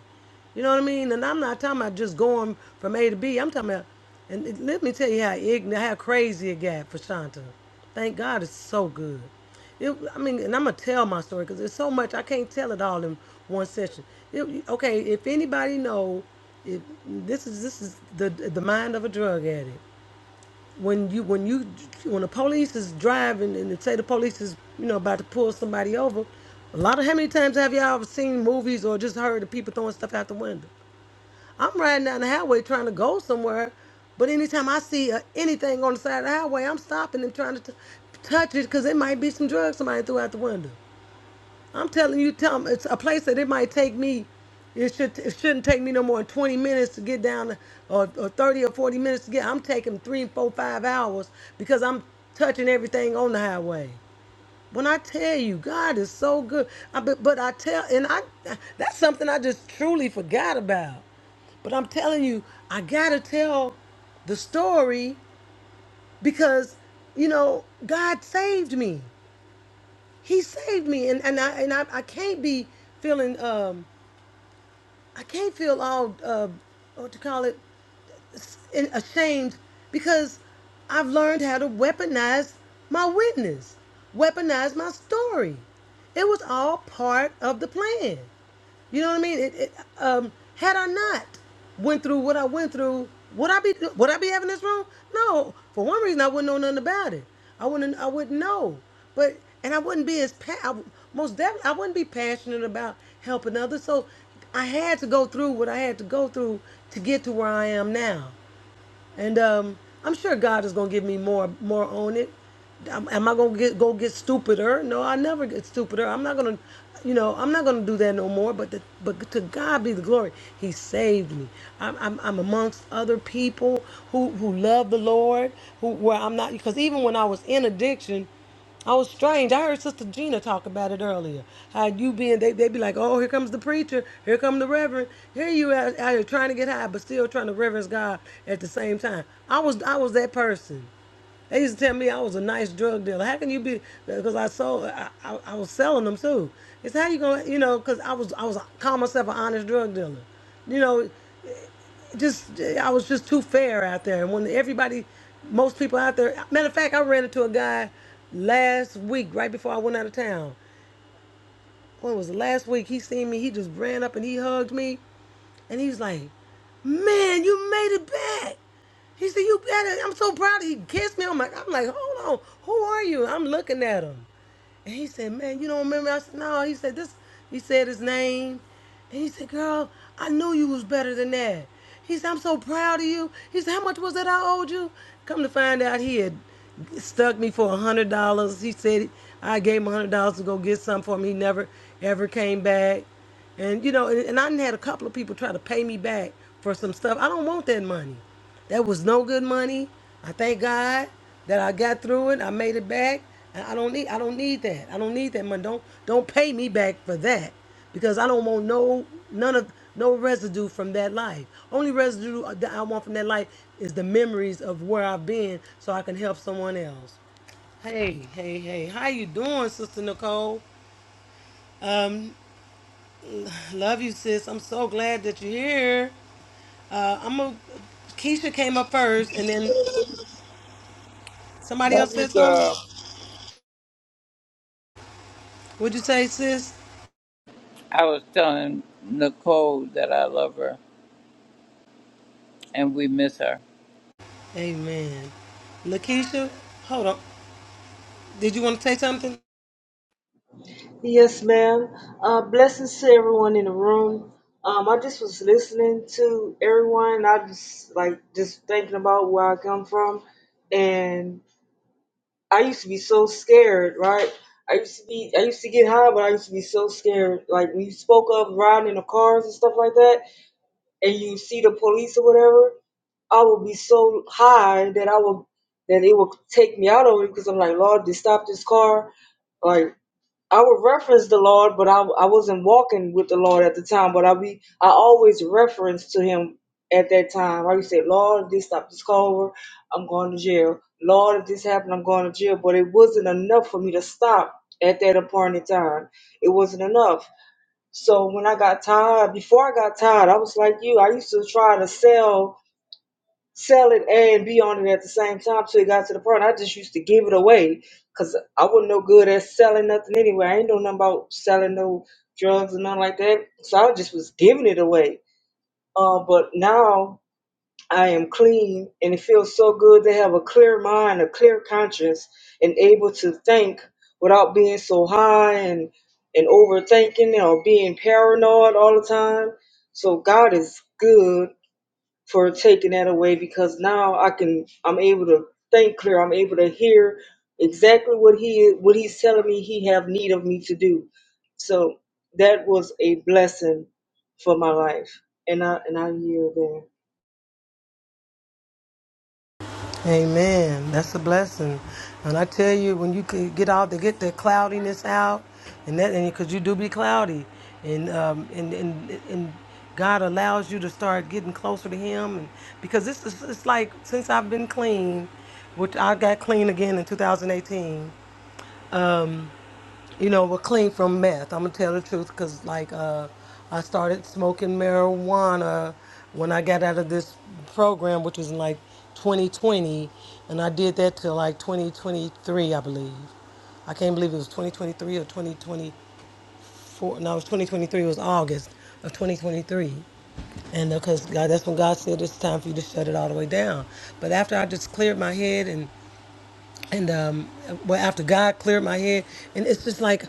Speaker 1: You know what I mean? And I'm not talking about just going from A to B. I'm talking about, and it- let me tell you how ignorant, how crazy it got for Shanta. Thank God it's so good. It, I mean, and I'm gonna tell my story because there's so much I can't tell it all in one session. It, okay, if anybody know, if this is this is the the mind of a drug addict when you when you when the police is driving and they say the police is you know about to pull somebody over, a lot of how many times have y'all ever seen movies or just heard of people throwing stuff out the window? I'm riding down the highway trying to go somewhere, but anytime I see uh, anything on the side of the highway, I'm stopping and trying to t- touch it because it might be some drugs somebody threw out the window. I'm telling you, tell 'em it's a place that it might take me. It should it shouldn't take me no more than 20 minutes to get down, or, or 30 or 40 minutes to get. I'm taking three, four, five hours because I'm touching everything on the highway. When I tell you, God is so good. I, but, but I tell, and I that's something I just truly forgot about. But I'm telling you, I gotta tell the story because you know God saved me. He saved me, and and I and I, I can't be feeling um I can't feel all uh what to call it and ashamed because I've learned how to weaponize my witness, weaponize my story. It was all part of the plan. You know what I mean? It, it, um, had I not went through what I went through, would I be would I be having this room? No. For one reason, I wouldn't know nothing about it. I wouldn't I wouldn't know. But and I wouldn't be as pa- I, most definitely I wouldn't be passionate about helping others. So I had to go through what I had to go through to get to where I am now, and um, I'm sure God is gonna give me more more on it. Am am I gonna get go get stupider? No, I never get stupider. I'm not gonna, you know, I'm not gonna do that no more. But the, but to God be the glory. He saved me. I'm I'm, I'm amongst other people who who love the Lord, who where I'm not because even when I was in addiction. Oh, it's strange. I heard Sister Gina talk about it earlier. How you being, they, they be like, oh, here comes the preacher. Here come the reverend. Here you out, out here trying to get high, but still trying to reverence God at the same time. I was, I was that person. They used to tell me I was a nice drug dealer. How can you be? Because I sold, I, I, I was selling them too. It's how you gonna, you know, because I was, I was call myself an honest drug dealer. You know, just I was just too fair out there. And when everybody, most people out there. Matter of fact, I ran into a guy last week, right before I went out of town. When was it last week? He seen me. He just ran up and he hugged me. And he was like, Man, you made it back. He said, You better. I'm so proud. He kissed me. I'm like, I'm like, hold on. Who are you? I'm looking at him. And he said, Man, you don't remember? I said, No. He said, This. He said his name. And he said, Girl, I knew you was better than that. He said, I'm so proud of you. He said, How much was it I owed you? Come to find out, he had stuck me for a hundred dollars. He said I gave him a hundred dollars to go get something for him. He never ever came back. And you know, and, and I done had a couple of people try to pay me back for some stuff. I don't want that money. That was no good money. I thank God that I got through it. I made it back. And I don't need I don't need that. I don't need that money. Don't don't pay me back for that. Because I don't want no none of no residue from that life. Only residue that I want from that life is the memories of where I've been so I can help someone else. Hey, hey, hey. How you doing, Sister Nicole? Um. Love you, sis. I'm so glad that you're here. Uh, I'm a Keisha came up first, and then somebody
Speaker 5: Love
Speaker 1: else
Speaker 5: you,
Speaker 1: said something.
Speaker 5: girl.
Speaker 1: What'd you say, sis?
Speaker 5: I was telling Nicole that I love her and we miss her.
Speaker 1: Amen. Lakeisha, hold on. Did you want to say something?
Speaker 6: Yes, ma'am. Uh, blessings to everyone in the room. Um, I just was listening to everyone. I just like just thinking about where I come from, and I used to be so scared, right? I used to be, I used to get high, but I used to be so scared. Like when you spoke of riding in the cars and stuff like that, and you see the police or whatever, I would be so high that I would that it would take me out of it because I'm like, Lord, just stop this car. like. I would reference the Lord, but I I wasn't walking with the Lord at the time. But I be I always reference to Him at that time. I would say, Lord, if this stop this car I'm going to jail. Lord, if this happened, I'm going to jail. But it wasn't enough for me to stop at that appointed time. It wasn't enough. So when I got tired, before I got tired, I was like you. I used to try to sell sell it and be on it at the same time till it got to the point. I just used to give it away because I wasn't no good at selling nothing anyway. I ain't know nothing about selling no drugs and nothing like that. So I just was giving it away. Uh, but now I am clean and it feels so good to have a clear mind, a clear conscience, and able to think without being so high and and overthinking or being paranoid all the time. So God is good for taking that away because now I can I'm able to think clear. I'm able to hear exactly what he what he's telling me he have need of me to do. So that was a blessing for my life. And I and I yield there.
Speaker 1: Amen. That's a blessing. And I tell you, when you could get out to get the cloudiness out, and that, and because you do be cloudy, and um, and and and God allows you to start getting closer to Him, and because this is it's like since I've been clean, which I got clean again in 2018. You know, we're clean from meth. I'm gonna tell the truth, 'cause like uh, I started smoking marijuana when I got out of this program, which was in like 2020, and I did that till like 2023, I believe. I can't believe it was 2023 or 2024. No, it was 2023. It was August of 2023. And because God, that's when God said it's time for you to shut it all the way down. But after I just cleared my head and and um well after god cleared my head and it's just like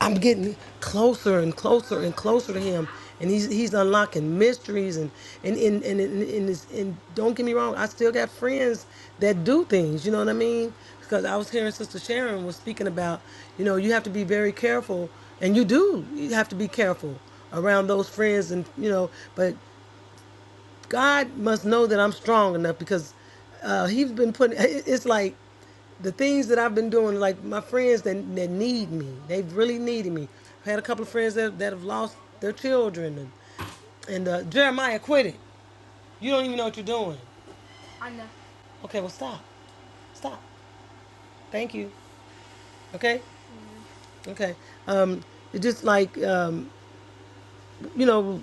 Speaker 1: i'm getting closer and closer and closer to him and he's he's unlocking mysteries and and and and, and, and, it's, and don't get me wrong i still got friends that do things you know what i mean because i was hearing sister sharon was speaking about you know you have to be very careful and you do you have to be careful around those friends and you know but God must know that I'm strong enough because uh, He's been putting. it- It's like the things that I've been doing. Like my friends that that need me, they've really needed me. I had a couple of friends that that have lost their children, and and uh, Jeremiah quit it. You don't even know what you're doing. Okay, well stop, stop. Thank you. Okay, okay. Um, it's just like um, you know,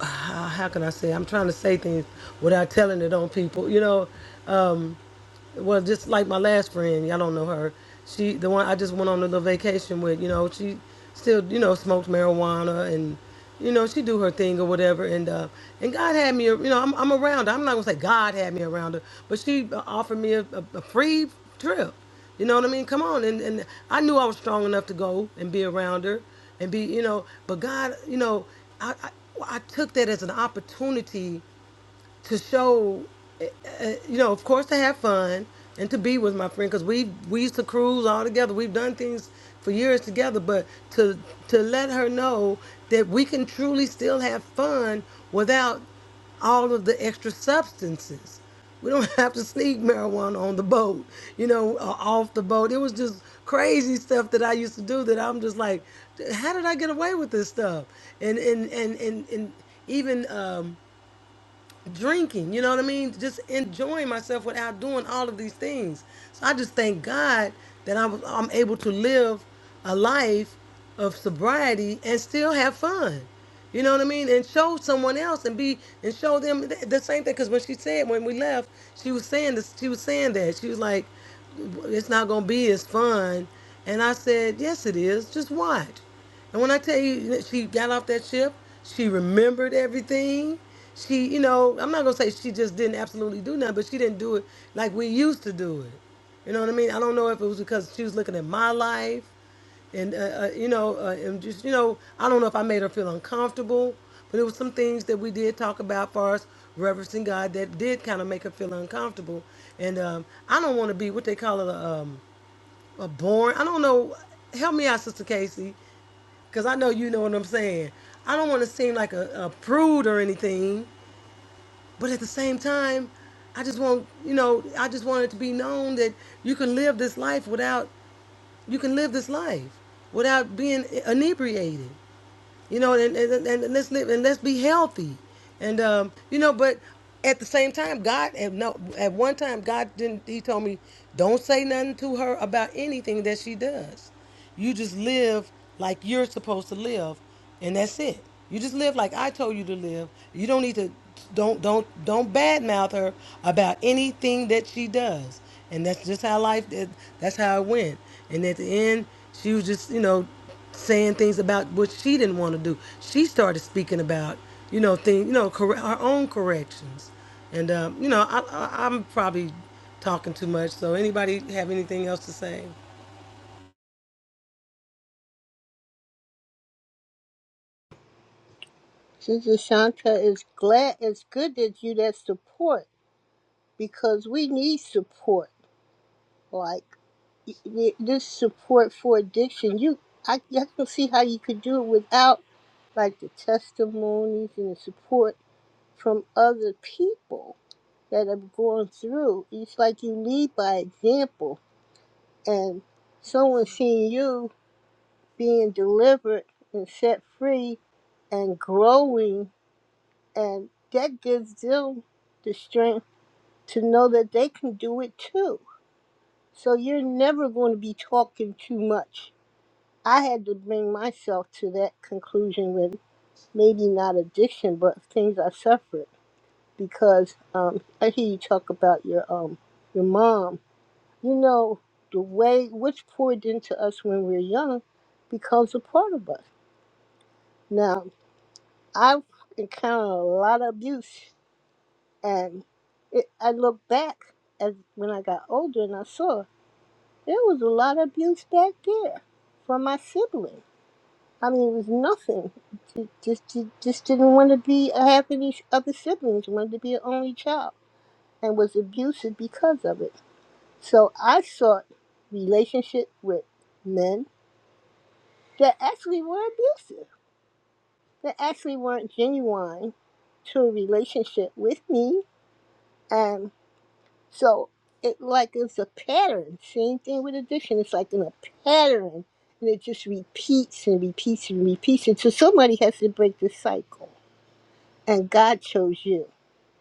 Speaker 1: how how can I say? I'm trying to say things without telling it on people. You know. Um, well, just like my last friend, y'all don't know her. She, the one I just went on a little vacation with, you know, she still, you know, smokes marijuana and, you know, she do her thing or whatever. And uh, and God had me, you know, I'm, I'm around her. I'm not gonna say God had me around her, but she uh, offered me a, a, a free trip. You know what I mean? Come on. And and I knew I was strong enough to go and be around her and be, you know, but God, you know, I I, I took that as an opportunity to show, uh, uh, you know, of course to have fun and to be with my friend because we we used to cruise all together. We've done things for years together, but to to let her know that we can truly still have fun without all of the extra substances. We don't have to sneak marijuana on the boat, you know, or off the boat. It was just crazy stuff that I used to do that I'm just like, how did I get away with this stuff? And and and and and even. Um, drinking, you know what I mean? Just enjoying myself without doing all of these things. So I just thank God that I was, I'm able to live a life of sobriety and still have fun. You know what I mean? And show someone else and be and show them th- the same thing. Because when she said when we left, she was saying this. She was saying that she was like, "It's not gonna be as fun." And I said, "Yes, it is. Just watch." And when I tell you that she got off that ship, she remembered everything. She, you know, I'm not gonna say she just didn't absolutely do nothing, but she didn't do it like we used to do it. You know what I mean? I don't know if it was because she was looking at my life, and uh, uh, you know, uh, and just you know, I don't know if I made her feel uncomfortable, but it was some things that we did talk about, far as reverencing God, that did kind of make her feel uncomfortable. And um, I don't want to be what they call it, a, um, a born. I don't know. Help me out, Sister Casey. Because I know you know what I'm saying. I don't want to seem like a, a prude or anything, but at the same time, I just want, you know, I just want it to be known that you can live this life without, you can live this life without being inebriated you know, and, and, and let's live and let's be healthy, and um, you know, but at the same time, God at no at one time God didn't. He told me, don't say nothing to her about anything that she does. You just live like you're supposed to live, and that's it. You just live like I told you to live. You don't need to don't don't don't badmouth her about anything that she does, and that's just how life. That's how it went. And at the end, she was just you know saying things about what she didn't want to do. She started speaking about, you know, things, you know, corre- her own corrections. And um, you know, I, I, I'm probably talking too much. So anybody have anything else to say?
Speaker 7: Sister Shanta, it's glad it's good that you that support because we need support. Like y- y- this support for addiction, you I, I can see how you could do it without like the testimonies and the support from other people that have gone through. It's like you lead by example, and someone seeing you being delivered and set free and growing And that gives them the strength to know that they can do it too. So you're never going to be talking too much. I had to bring myself to that conclusion with maybe not addiction, but things I suffered because um, I hear you talk about your um, your mom. You know the way what's poured into us when we're young becomes a part of us. Now I've encountered a lot of abuse And it, I looked back as when I got older and I saw there was a lot of abuse back there from my sibling. I mean, it was nothing. Ju- Just, ju- just didn't want to be uh, have any other siblings. Wanted to be an only child and was abusive because of it. So I sought relationship with men that actually were abusive. That actually weren't genuine to a relationship with me. and. So it like it's a pattern. Same thing with addiction. It's like in a pattern, and it just repeats and repeats and repeats. And so somebody has to break the cycle, and God chose you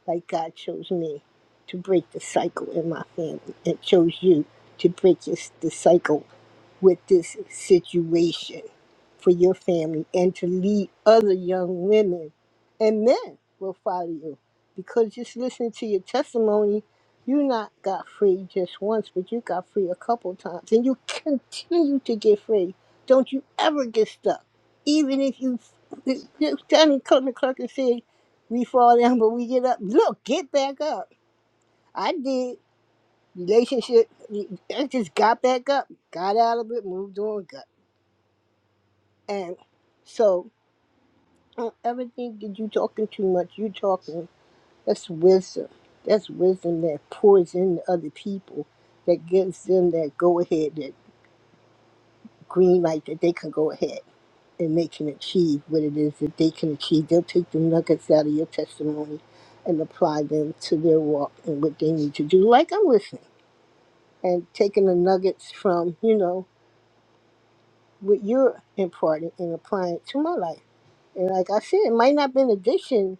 Speaker 7: like God chose me to break the cycle in my family and chose you to break this, the cycle with this situation for your family and to lead other young women and men will follow you. Because just listening to your testimony, you not got free just once, but you got free a couple times and you continue to get free. Don't you ever get stuck. Even if you, Danny Clark and said we fall down, but we get up. Look, get back up. I did relationship. I just got back up, got out of it, moved on, got and so don't ever think that you talking too much, you talking. That's wisdom. That's wisdom that pours into other people, that gives them that go ahead, that green light that they can go ahead and they can achieve what it is that they can achieve. They'll take the nuggets out of your testimony and apply them to their walk and what they need to do. Like I'm listening. and taking the nuggets from, you know, what you're imparting and applying it to my life. And like I said, it might not have been addiction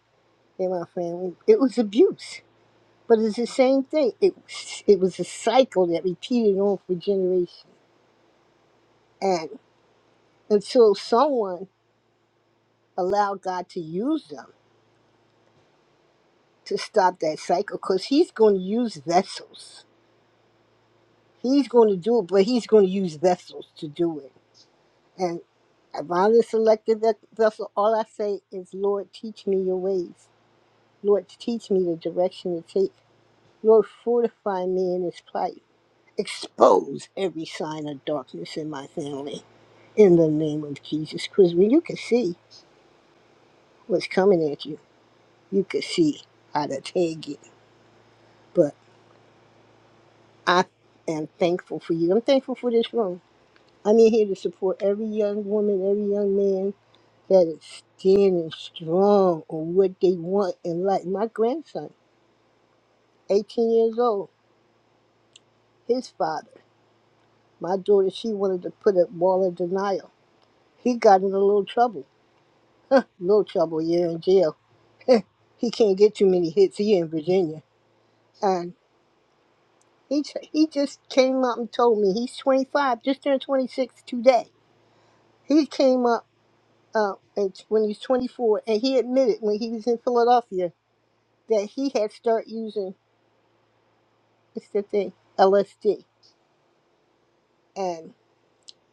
Speaker 7: in my family. It was abuse. But it's the same thing. It it was a cycle that repeated on for generations. And until someone allowed God to use them to stop that cycle, because He's going to use vessels. He's going to do it, but He's going to use vessels to do it. And around the selected ve- vessel, all I say is, Lord, teach me your ways. Lord, teach me the direction to take. Lord, fortify me in this plight. Expose every sign of darkness in my family. In the name of Jesus Christ, when you could see what's coming at you, you could see how to take it. But I am thankful for you. I'm thankful for this room. I'm in here to support every young woman, every young man that is standing strong on what they want in life. My grandson, 18 years old, his father, my daughter, she wanted to put a wall of denial. He got in a little trouble, little trouble, year in jail. He can't get too many hits here in Virginia. And he, t- he just came up and told me he's 25, just turned 26 today. He came up uh, at- when he was 24, and he admitted when he was in Philadelphia that he had started using, what's the thing, LSD. and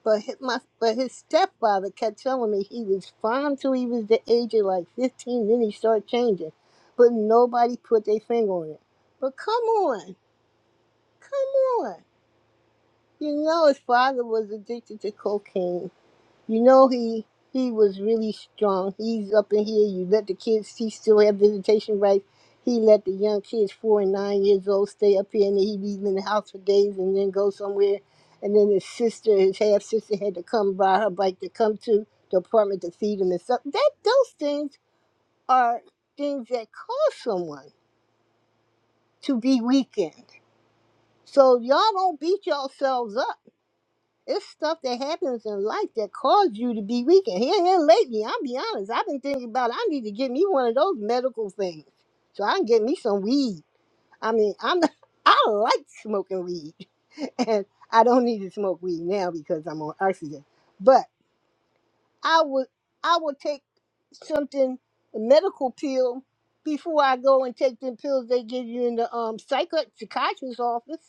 Speaker 7: But his, my, but his stepfather kept telling me he was fine till he was the age of like 15, then he started changing. But nobody put their finger on it. But come on, come on. You know his father was addicted to cocaine. You know he he was really strong. He's up in here. You let the kids. He still have visitation rights. He let the young kids, four and nine years old, stay up here, and he'd be in the house for days, and then go somewhere. And then his sister, his half sister, had to come by her bike to come to the apartment to feed him and stuff. That those things are things that cause someone to be weakened. So y'all don't beat yourselves up It's stuff that happens in life that caused you to be weak. And here, here lately, I'll be honest, I've been thinking about I need to get me one of those medical things so I can get me some weed. I mean, I'm not, I like smoking weed, and I don't need to smoke weed now because I'm on oxygen. But I would I would take something a medical pill before I go and take them pills they give you in the um psych- psychiatrist's office.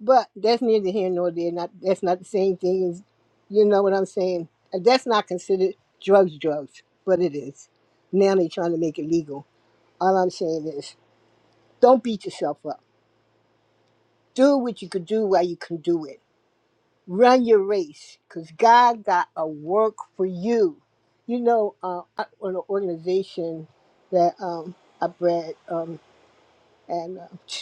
Speaker 7: But that's neither here nor there. Not that's not the same thing as you know what I'm saying. And That's not considered drugs, drugs, but it is. Now they're trying to make it legal. All I'm saying is, don't beat yourself up. Do what you could do while you can do it. Run your race, cause God got a work for you. You know, uh, I- on an organization that um, I bred, um, and. uh,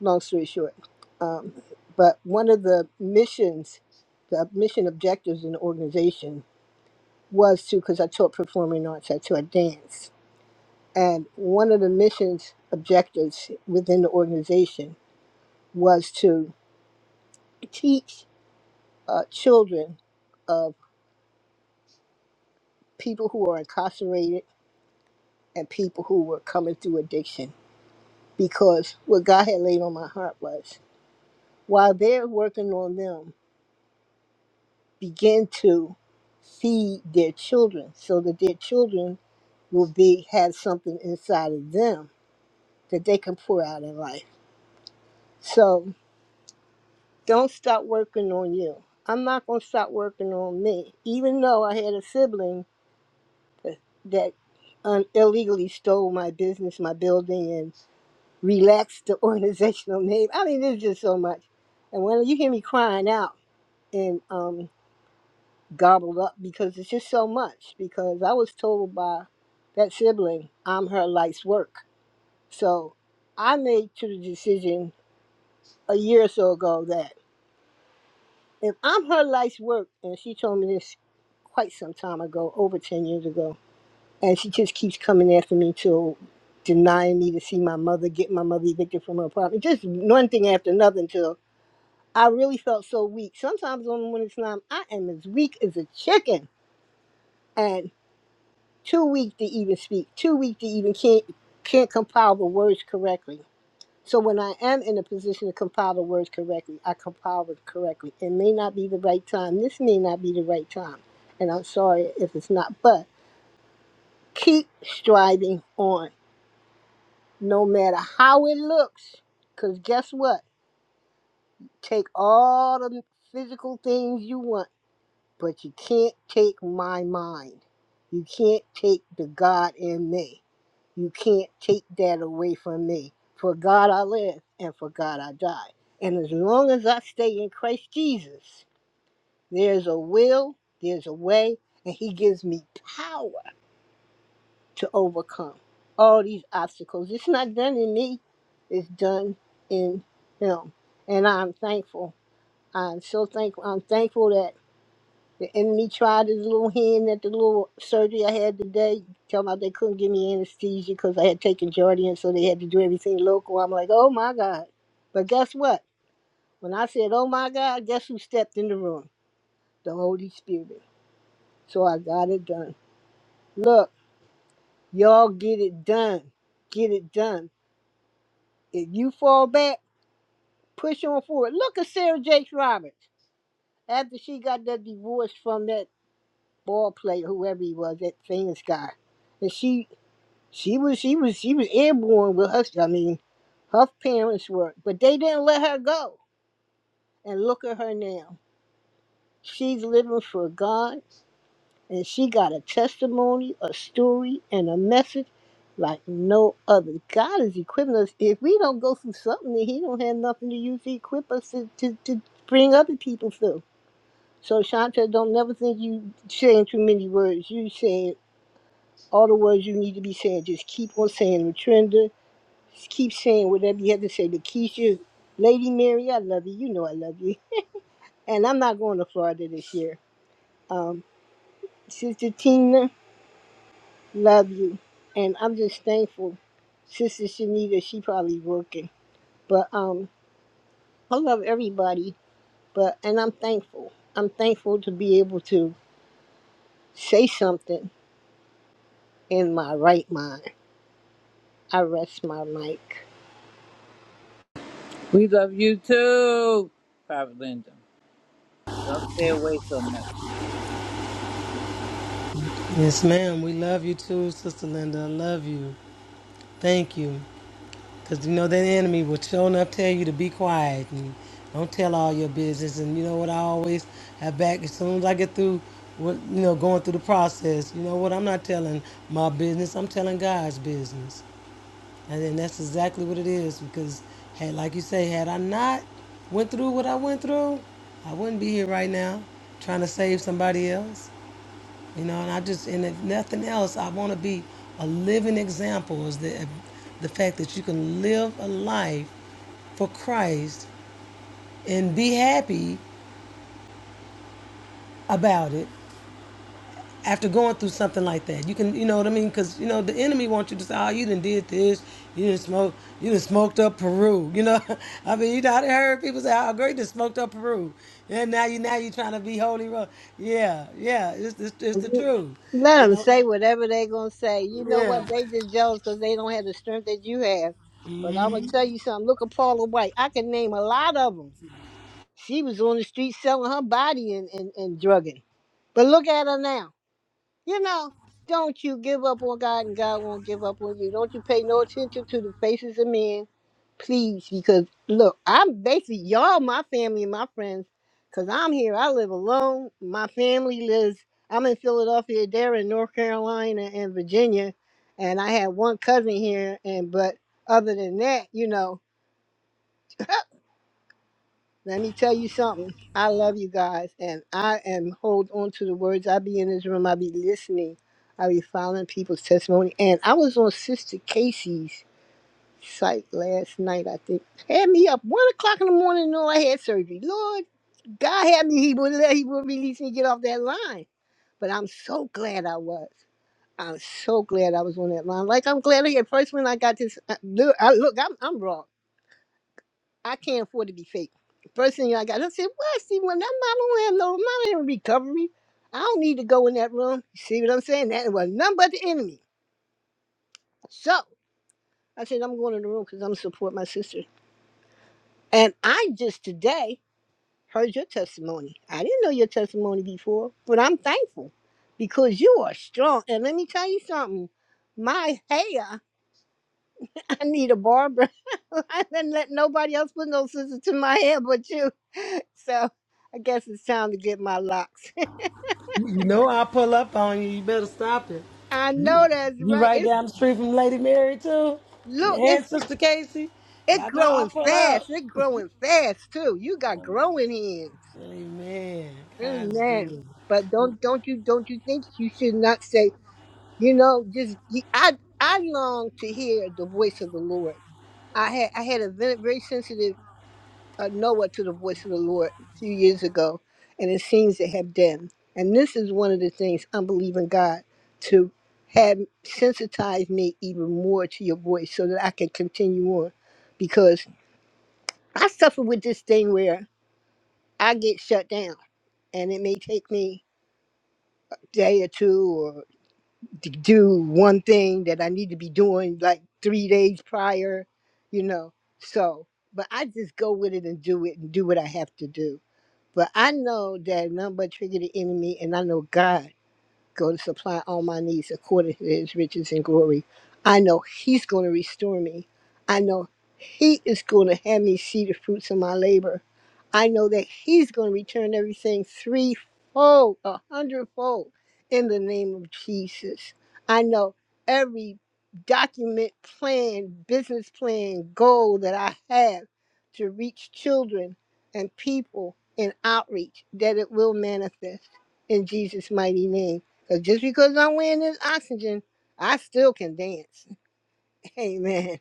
Speaker 7: long story short. Um, but one of the missions, the mission objectives in the organization was to, because I taught performing arts, I taught dance. And one of the missions objectives within the organization was to teach uh, children of people who are incarcerated and people who were coming through addiction. Because what God had laid on my heart was while they're working on them, begin to feed their children so that their children will be have something inside of them that they can pour out in life. So don't stop working on you. I'm not gonna stop working on me, even though I had a sibling that that, um, illegally stole my business, my building, and relaxed the organizational name. I mean, there's just so much. And when you hear me crying out, and um, gobbled up because it's just so much. Because I was told by that sibling, I'm her life's work. So I made to the decision a year or so ago that if I'm her life's work, and she told me this quite some time ago, over 10 years ago, and she just keeps coming after me to denying me to see my mother, get my mother evicted from her apartment, just one thing after another until I really felt so weak. Sometimes on when it's time, I am as weak as a chicken. and. too weak to even speak, too weak to even can't can't compile the words correctly. So when I am in a position to compile the words correctly, I compile it correctly. It may not be the right time. This may not be the right time. And I'm sorry if it's not, but keep striving on no matter how it looks. Cause guess what? Take all the physical things you want, but you can't take my mind. You can't take the God in me. You can't take that away from me. For God I live and for God I die. And as long as I stay in Christ Jesus, there's a will, there's a way, and He gives me power to overcome all these obstacles. It's not done in me, it's done in Him. And I'm thankful. I'm so thankful. I'm thankful that the enemy tried his little hand at the little surgery I had today. Tell me they couldn't give me anesthesia because I had taken Jardian, so they had to do everything local. I'm like, oh my God. But guess what? When I said, oh my God, guess who stepped in the room? The Holy Spirit. So I got it done. Look, y'all get it done. Get it done. If you fall back, push on forward. Look at Sarah Jakes Roberts. After she got that divorce from that ball player, whoever he was, that famous guy. And she She was she was she was airborne with her. I mean, her parents were, but they didn't let her go. And look at her now. She's living for God, and she got a testimony, a story, and a message like no other. God is equipping us. If we don't go through something, then He don't have nothing to use to equip us to, to, to bring other people through. So Shanta, don't never think you saying too many words. You saying all the words you need to be saying. Just keep on saying, Retrinda. keep saying whatever you have to say. Lakeisha, Lady Mary, I love you. You know I love you. And I'm not going to Florida this year. Um, Sister Tina, love you. And I'm just thankful. Sister Shanita, she probably working. But um, I love everybody. But and I'm thankful. I'm thankful to be able to say something in my right mind. I rest my mic.
Speaker 5: We love you too, Private Linda. Don't stay away so much.
Speaker 1: Yes, ma'am. We love you too, Sister Linda. I love you. Thank you. Cause you know that enemy will sure enough tell you to be quiet and don't tell all your business. And you know what I always have back as soon as I get through what you know, going through the process, you know what, I'm not telling my business, I'm telling God's business. And then that's exactly what it is because, hey, like you say, had I not went through what I went through, I wouldn't be here right now trying to save somebody else. You know, and I just, and if nothing else, I want to be a living example is the, the fact that you can live a life for Christ and be happy about it after going through something like that. You can, you know what I mean? Because, you know, the enemy wants you to say, oh, you done did this. You done smoked, you done smoked up Peru. You know, I mean, you know, I done heard people say, oh, great, you done smoked up Peru. And now you, now you trying to be holy. Ro-. Yeah, yeah, it's, it's, it's the truth. You
Speaker 7: Let them
Speaker 1: know,
Speaker 7: say whatever they going to say. You know what?
Speaker 1: yeah.
Speaker 7: They just jealous because they don't have the strength that you have. But I'm going to tell you something. Look at Paula White. I can name a lot of them. She was on the street selling her body and, and, and drugging. But look at her now. You know, don't you give up on God and God won't give up on you. Don't you pay no attention to the faces of men please because look i'm basically y'all my family and my friends because i'm here i live alone my family lives i'm in philadelphia they're in north carolina and virginia and i have one cousin here and but other than that you know let me tell you something i love you guys and i am hold on to the words i be in this room i be listening i be following people's testimony and i was on sister casey's sight last night, I think. Had me up one o'clock in the morning knowing I had surgery. Lord, God had me, He would let He would release me get off that line. But I'm so glad I was. I'm so glad I was on that line. Like I'm glad I had first when I got this. I, look, I, look I'm, I'm wrong. I can't afford to be fake. First thing I got, I said, "Well, see, when I'm not on no, I'm not in recovery. I don't need to go in that room. You see what I'm saying? That was nothing but the enemy." So I said, "I'm going in the room because I'm gonna support my sister." And I just today heard your testimony. I didn't know your testimony before, but I'm thankful because you are strong. And let me tell you something. My hair, I need a barber. I didn't let nobody else put no scissors to my hair but you. So I guess it's time to get my locks.
Speaker 1: You you know, I'll pull up on you. You better stop it.
Speaker 7: I know that's
Speaker 1: You
Speaker 7: right.
Speaker 1: right
Speaker 7: It's
Speaker 1: down the street from Lady Mary, too.
Speaker 7: look,
Speaker 1: And
Speaker 7: it's
Speaker 1: Sister Casey.
Speaker 7: it
Speaker 1: Y'all know I'll
Speaker 7: growing
Speaker 1: pull up.
Speaker 7: fast. It's growing fast too. You got growing hands.
Speaker 1: Amen. God's
Speaker 7: Amen.
Speaker 1: good.
Speaker 7: But don't don't you don't you think you should not say You know, just y- I I long to hear the voice of the Lord. I had I had a ve- very sensitive uh, Noah to the voice of the Lord a few years ago, and it seems to have dimmed. And this is one of the things I'm believing God to have sensitized me even more to your voice, so that I can continue on, because I suffer with this thing where I get shut down, and it may take me a day or two to do one thing that I need to be doing like three days prior, you know. So, but I just go with it and do it and do what I have to do. But I know that none but trigger the enemy, and I know God go to supply all my needs according to his riches and glory. I know he's going to restore me. I know he is going to have me see the fruits of my labor. I know that he's going to return everything threefold, a hundredfold in the name of Jesus. I know every document, plan, business plan, goal that I have to reach children and people in outreach that it will manifest in Jesus' mighty name. Because just because I'm wearing this oxygen, I still can dance. Amen.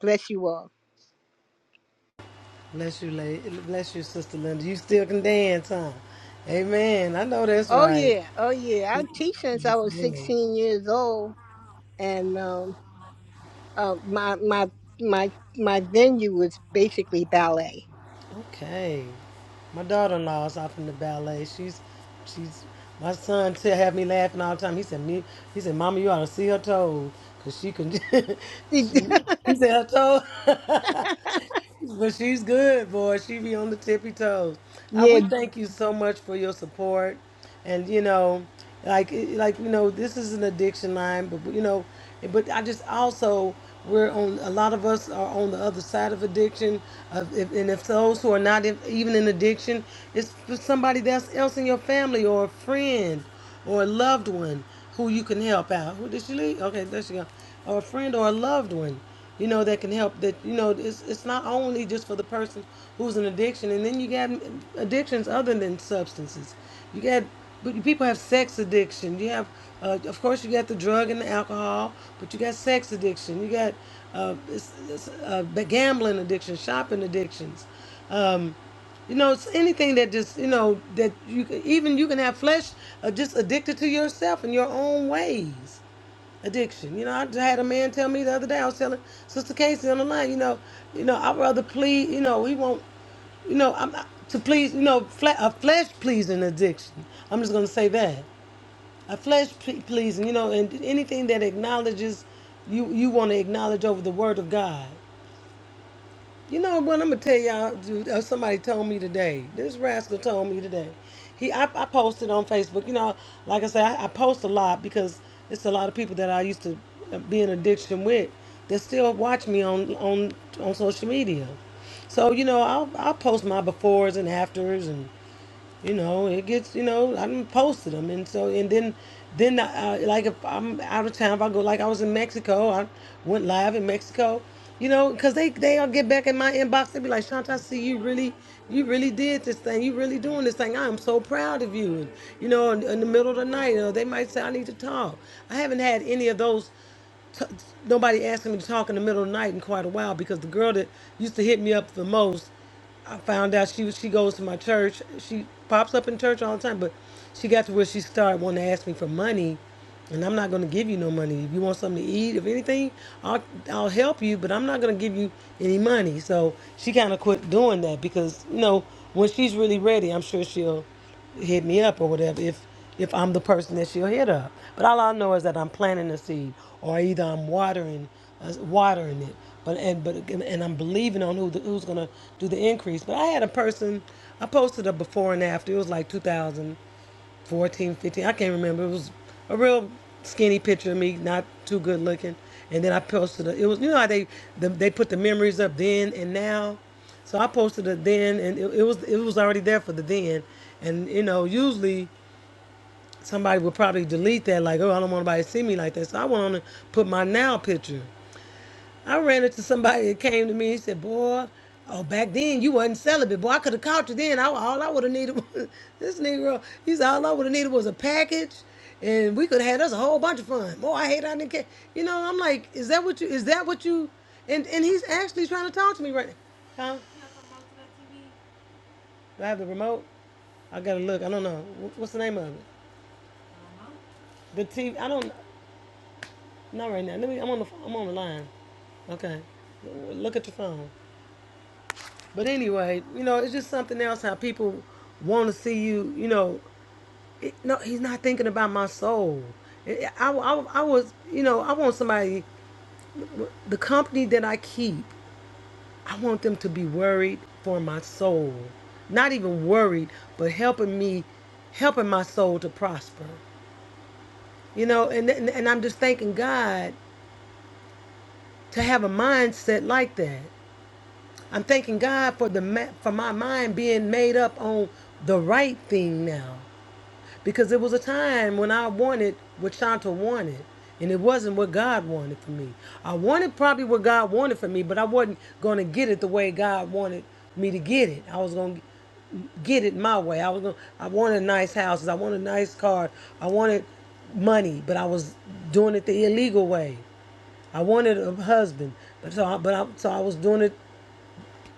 Speaker 7: Bless you all.
Speaker 1: Bless you, lady. Bless you, Sister Linda. You still can dance, huh? Amen. I know that's
Speaker 7: Oh,
Speaker 1: right.
Speaker 7: yeah. Oh, yeah. I teach since I was 16 years old. And um, uh, my, my, my, my venue was basically ballet.
Speaker 1: Okay. My daughter-in-law is off in the ballet. She's, she's. My son still have me laughing all the time. He said, "Me," he said, "Mama, you ought to see her toes, 'cause she can." she, he said, "Her toes." But she's good, boy. She be on the tippy toes. Uh,
Speaker 7: yeah,
Speaker 1: we thank you so much for your support, and you know, like like you know, this is an addiction line, but you know, but I just also we're on a lot of us are on the other side of addiction, of if, and if those who are not in, even in addiction, it's for somebody that's else in your family or a friend or a loved one who you can help out. Who did she leave? Okay, there she go or a friend or a loved one, you know, that can help. That you know, it's it's not only just for the person who's in addiction, and then you got addictions other than substances. You got but people have sex addiction. You have, uh, of course, you got the drug and the alcohol, but you got sex addiction. You got uh, it's, it's, uh, the gambling addiction, shopping addictions. Um, you know, it's anything that just you know that you can, even you can have flesh uh, just addicted to yourself in your own ways addiction. You know, I just had a man tell me the other day. I was telling Sister Casey on the line. You know, you know, I'd rather plead. You know, he won't. You know, I'm not, to please. You know, fle- a flesh pleasing addiction. I'm just gonna say that a flesh ple- pleasing. You know, and anything that acknowledges you, you want to acknowledge over the Word of God. You know what? I'm gonna tell y'all. Dude, uh, somebody told me today. This rascal told me today. He, I, I posted on Facebook. You know, like I said, I, I post a lot because it's a lot of people that I used to uh, be in addiction with that still watch me on on on social media. So you know, I'll I'll post my befores and afters and you know it gets you know i done posted them and so and then then uh, like if i'm out of town if i go like i was in mexico i went live in mexico you know because they they'll get back in my inbox they be like shanta i see you really you really did this thing you really doing this thing i'm so proud of you and you know in, in the middle of the night you know, they might say i need to talk i haven't had any of those t- nobody asking me to talk in the middle of the night in quite a while because the girl that used to hit me up the most I found out she was- she goes to my church. She pops up in church all the time, but she got to where she started wanting to ask me for money, and I'm not going to give you no money. If you want something to eat, if anything, I'll I'll help you, but I'm not going to give you any money. So she kind of quit doing that because you know when she's really ready, I'm sure she'll hit me up or whatever if if I'm the person that she'll hit up. But all I know is that I'm planting a seed, or either I'm watering, uh, watering it, but and but and I'm believing on who the, who's gonna do the increase. But I had a person, I posted a before and after. It was like 2000. 1415 I can't remember. It was a real skinny picture of me, not too good looking. And then I posted a, it was you know how they the, they put the memories up then and now. So I posted a then and it, it was it was already there for the then. And you know, usually somebody would probably delete that like, oh, I don't want anybody to see me like that. So I went on and put my now picture. I ran into somebody that came to me and said, "Boy, oh back then you wasn't celibate. Boy, I could have caught you then. I, all I would have needed was this Negro. He said all I would have needed was a package, and we could have had us a whole bunch of fun. Boy, I hate I didn't care. You know, I'm like, is that what you? Is that what you? And and he's actually trying to talk to me right now. Huh? Do I have the remote? I gotta look. I don't know. Wh- What's the name of it? The TV. I don't. Not right now. Let me. I'm on the. I'm on the line. Okay. Look at your phone. But anyway, you know, it's just something else how people want to see you. You know, it, no, he's not thinking about my soul. It- I, I, I was, you know, I want somebody, the company that I keep, I want them to be worried for my soul. Not even worried, but helping me, helping my soul to prosper. You know, and, and, and I'm just thanking God to have a mindset like that. I'm thanking God for the ma- for my mind being made up on the right thing now. Because there was a time when I wanted what Shanta wanted, and it wasn't what God wanted for me. I wanted probably what God wanted for me, but I wasn't going to get it the way God wanted me to get it. I was going to get it my way. I was going. I wanted nice houses. I wanted nice car. I wanted money, but I was doing it the illegal way. I wanted a husband, but so I, but I, so I was doing it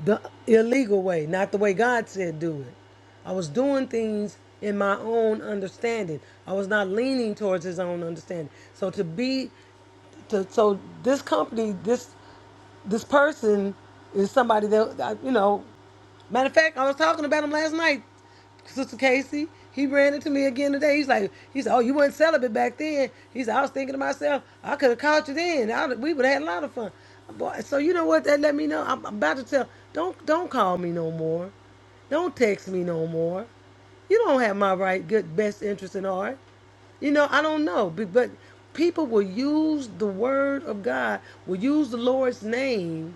Speaker 1: the illegal way, not the way God said do it. I was doing things in my own understanding. I was not leaning towards his own understanding. So to be to, so this company, this this person is somebody that I- you know. Matter of fact, I was talking about him last night, Sister Casey. He ran into me again today. He's like, he said, "Oh, you weren't celibate back then." He said, "I was thinking to myself, I could have caught you then. I, would- we would have had a lot of fun." Boy, so you know what? That let me know. I'm, I'm about to tell. Don't don't call me no more. Don't text me no more. You don't have my right, good, best interest in heart. You know, I don't know, but people will use the word of God, will use the Lord's name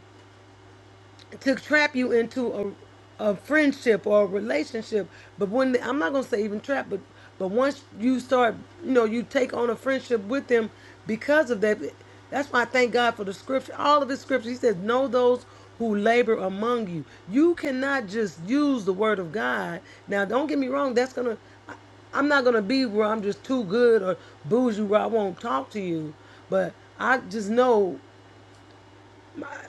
Speaker 1: to trap you into a, a friendship or a relationship. But when the, I'm not gonna say even trap, but but once you start, you know, you take on a friendship with them because of that. That's why I thank God for the scripture. All of His scripture, He says, "Know those who labor among you." You cannot just use the word of God. Now, don't get me wrong. That's gonna. I- I'm not gonna be where I'm just too good or bougie where I won't talk to you. But I just know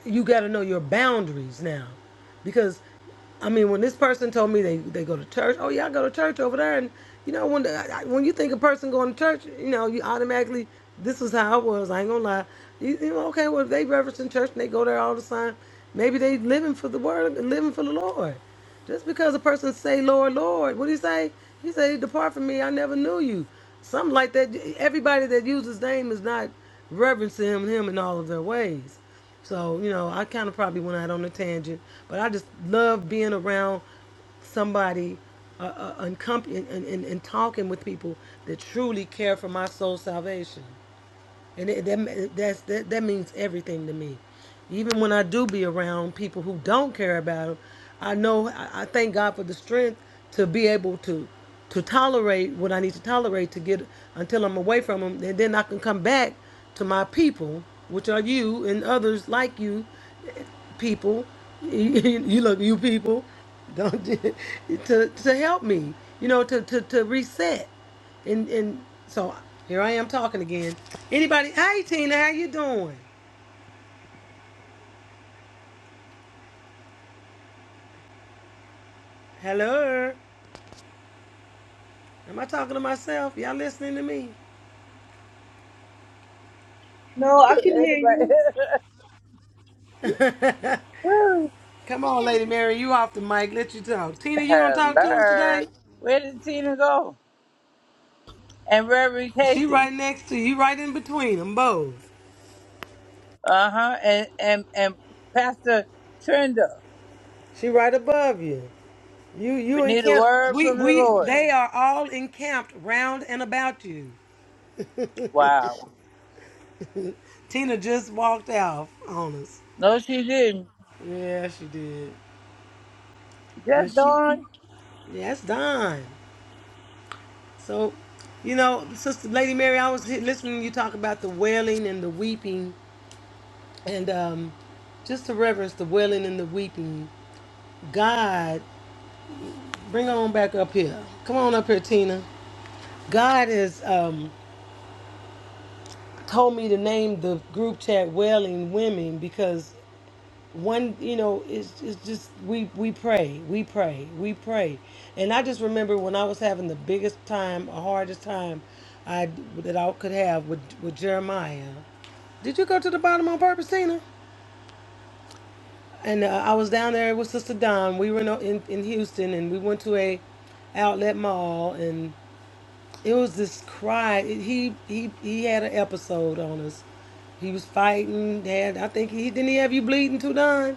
Speaker 1: you got to know your boundaries now because i mean when this person told me they, they go to church oh yeah i go to church over there and you know when the, I, I- when you think a person going to church you know you automatically this is how it was i ain't gonna lie you, you know okay well if they reverence in church and they go there all the time maybe they living for the word living for the lord just because a person say lord lord what do you say he say depart from me i never knew you something like that everybody that uses name is not reverencing him, him in all of their ways so, you know, I kind of probably went out on a tangent, but I just love being around somebody uh, uh, and, company, and, and, and talking with people that truly care for my soul salvation and it, that that's that, that means everything to me. Even when I do be around people who don't care about them, I know I, I thank God for the strength to be able to to tolerate what I need to tolerate to get until I'm away from them, and then I can come back to my people, which are you and others like you, people, you look you people, don't to to help me, you know, to to to reset. And and so here I am talking again. Anybody? Hey Tina, how you doing? Hello. Am I talking to myself? Y'all listening to me?
Speaker 6: No, I can hear you.
Speaker 5: Anyway.
Speaker 1: Come on, Lady Mary, you off the mic. Let you talk. Tina, you gonna talk to us
Speaker 5: Hello.
Speaker 1: today?
Speaker 5: Where did Tina go? And Reverend
Speaker 1: She
Speaker 5: Casey.
Speaker 1: right next to you, right in between them both.
Speaker 5: Uh huh. And, and and Pastor Trenda.
Speaker 1: She right above you. You
Speaker 5: We
Speaker 1: you
Speaker 5: need a
Speaker 1: encamped.
Speaker 5: word
Speaker 1: We
Speaker 5: from the
Speaker 1: we
Speaker 5: Lord.
Speaker 1: they are all encamped round and about you.
Speaker 5: Wow.
Speaker 1: Tina just walked off on us.
Speaker 5: No, she didn't.
Speaker 1: Yeah, she did. But
Speaker 5: Just
Speaker 1: she
Speaker 5: don't.
Speaker 1: yeah, that's done. So, you know, Sister Lady Mary, I was listening to you talk about the wailing and the weeping, and um, just to reverence the wailing and the weeping. God, bring her on back up here. Come on up here, Tina. God has um, told me to name the group chat Wailing Women because one, you know, it's, it's just we we pray, we pray, we pray, and I just remember when I was having the biggest time, hardest time, I that I could have with with Jeremiah. Did you go to the bottom on purpose, Tina? And uh, I was down there with Sister Dawn. We were in, in in Houston, and we went to a outlet mall, and it was this cry. It- he he he had an episode on us. He was fighting. Had I think he didn't he have you bleeding too, Don?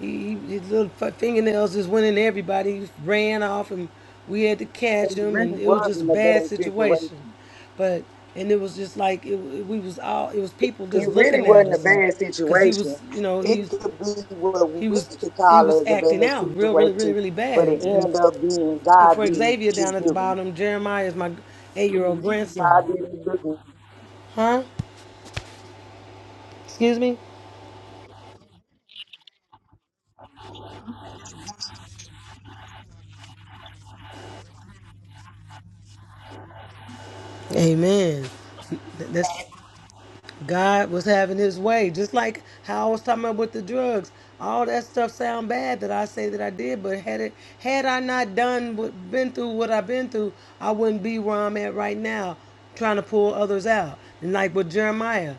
Speaker 1: He, his little fingernails just went in everybody. He ran off, and we had to catch
Speaker 8: it
Speaker 1: him,
Speaker 8: really
Speaker 1: and it was just a
Speaker 8: wasn't a
Speaker 1: bad
Speaker 8: bad
Speaker 1: situation.
Speaker 8: situation.
Speaker 1: But and it was just like it, we was all it was people
Speaker 8: It
Speaker 1: just
Speaker 8: really
Speaker 1: looking at
Speaker 8: wasn't a
Speaker 1: us, and
Speaker 8: bad
Speaker 1: because he
Speaker 8: situation.
Speaker 1: was you know he
Speaker 8: It could be what
Speaker 1: he
Speaker 8: we
Speaker 1: was
Speaker 8: could
Speaker 1: he was
Speaker 8: call as a
Speaker 1: acting
Speaker 8: bad
Speaker 1: out real really really
Speaker 8: situation,
Speaker 1: really
Speaker 8: but
Speaker 1: bad.
Speaker 8: it
Speaker 1: And,
Speaker 8: ended up being
Speaker 1: and
Speaker 8: God
Speaker 1: for
Speaker 8: did
Speaker 1: Xavier
Speaker 8: his
Speaker 1: down at the
Speaker 8: big one.
Speaker 1: bottom, Jeremiah is my eight year old
Speaker 8: God
Speaker 1: grandson,
Speaker 8: did his big
Speaker 1: huh? Excuse me. Amen. That's God was having his way. Just like how I was talking about with the drugs. All that stuff sound bad that I say that I did, but had it had I not done what been through what I've been through, I wouldn't be where I'm at right now, trying to pull others out. And like with Jeremiah.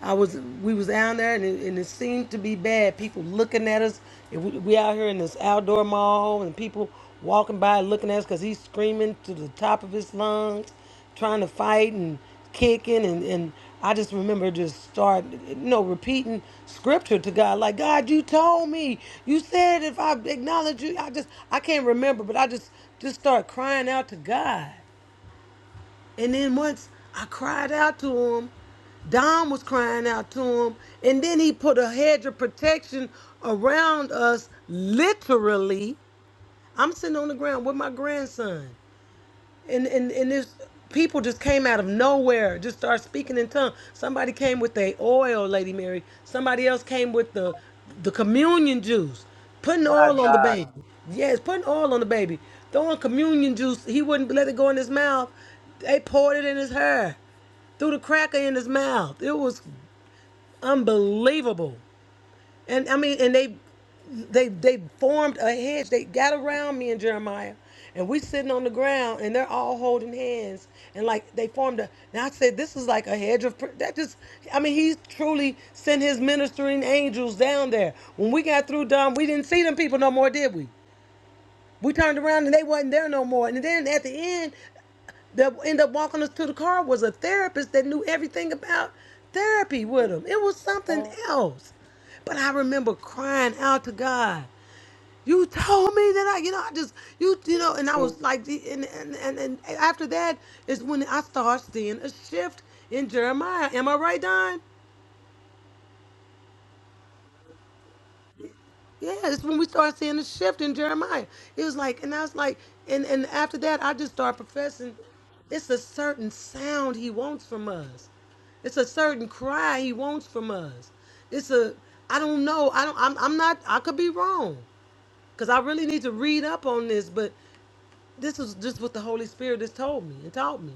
Speaker 1: I was we was down there and it, and it seemed to be bad. People looking at us. And we, we out here in this outdoor mall and people walking by looking at us because he's screaming to the top of his lungs, trying to fight and kicking and and I just remember just start you know repeating scripture to God like God you told me you said if I acknowledge you I just I can't remember but I just just start crying out to God and then once I cried out to him, Don was crying out to him, and then he put a hedge of protection around us, literally. I'm sitting on the ground with my grandson and and and this people just came out of nowhere, just start speaking in tongues. Somebody came with the oil, Lady Mary. Somebody else came with the the communion juice, putting
Speaker 5: My
Speaker 1: oil on the
Speaker 5: God.
Speaker 1: baby. Yes, putting oil on the baby, throwing communion juice. He wouldn't let it go in his mouth. They poured it in his hair, threw the cracker in his mouth. It was unbelievable. And I mean, and they they they formed a hedge. They got around me and Jeremiah. And we sitting on the ground and they're all holding hands. And like they formed a now I said this is like a hedge of pr- that just I mean he truly sent his ministering angels down there. When we got through Dom, we didn't see them people no more, did we? We turned around and they wasn't there no more. And then at the end, that ended up walking us to the car was a therapist that knew everything about therapy with him. It was something
Speaker 8: one.
Speaker 1: else. But I remember crying out to God. You told me that I, you know, I just, you, you know, and I
Speaker 8: Can,
Speaker 1: was like, the- and and and, and after that is when I started seeing a shift in Jeremiah. Am I right, Don? Yeah, it's when we started seeing the shift in Jeremiah. It was like, and I was like, and and after that, I just started professing. It's a certain sound he wants from us. It's a certain cry he wants from us. It's a, I don't know. I don't. I'm. I'm not. I could be wrong, cause I really need to read up on this. But this was just what the Holy Spirit has told me and taught me.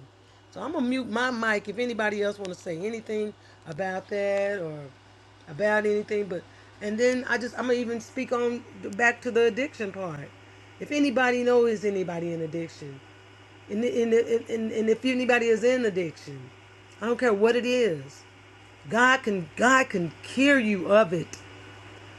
Speaker 1: So I'm gonna mute my mic if anybody else wanna say anything about that or about anything, but and then I just I'm gonna even speak on back to the addiction part. If anybody knows anybody in addiction, and, and, and, and if anybody is in addiction, I don't care what it is. God can God can cure you of it.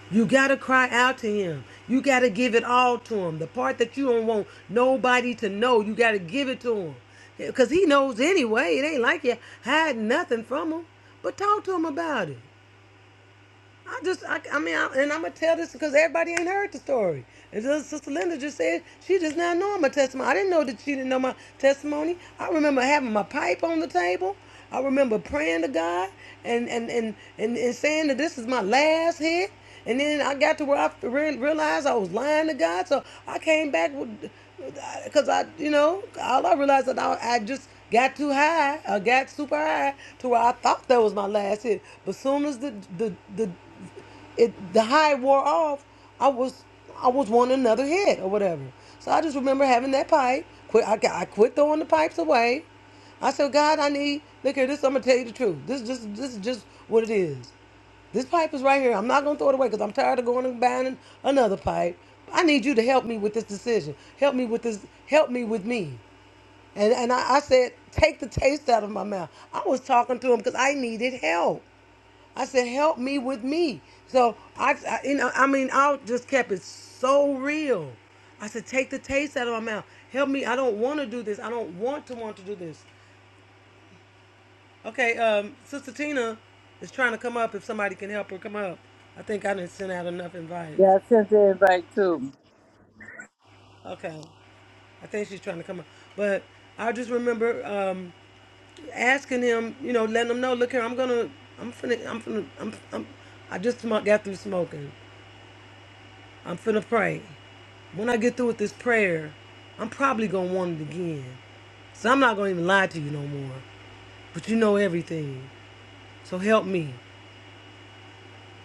Speaker 1: You got to cry out to him. You got to give it all to him. The part that you don't want nobody to know, you got to give it to him. Because he knows anyway. It ain't like you hide nothing from him. But talk to him about it. I just, I, I mean, I, and I'm going to tell this because everybody ain't heard the story. And Sister Linda just said she does not know my testimony. I didn't know that she didn't know my testimony. I remember having my pipe on the table. I remember praying to God and, and, and, and, and saying that this is my last hit. And then I got to where I realized I was lying to God. So I came back with, because I, you know, all I realized that I, I just got too high. I got super high to where I thought that was my last hit. But soon as the the the it the high wore off, I was I was wanting another hit or whatever. So I just remember having that pipe. Quit. I, I quit throwing the pipes away. I said, God, I need. Look here, this. I'm gonna tell you the truth. This, this, this is just what it is. This pipe is right here. I'm not going to throw it away because I'm tired of going and buying another pipe. I need you to help me with this decision. Help me with this. Help me with me. And, and I, I said, take the taste out of my mouth. I was talking to him because I needed help. I said, help me with me. So I, I, you know, I mean, I just kept it so real. I said, take the taste out of my mouth. Help me. I don't want to do this. I don't want to want to do this. Okay, um, Sister Tina is trying to come up. If somebody can help her come up, I think I didn't send out enough invites.
Speaker 5: Yeah, I sent the invite too.
Speaker 1: Okay, I think she's trying to come up, but I just remember um, asking him, you know, letting him know, look here, I'm gonna, I'm finna, I'm finna, I'm, I'm I just sm- got through smoking. I'm finna pray. When I get through with this prayer, I'm probably gonna want it again. So I'm not gonna even lie to you no more. But you know everything. So help me.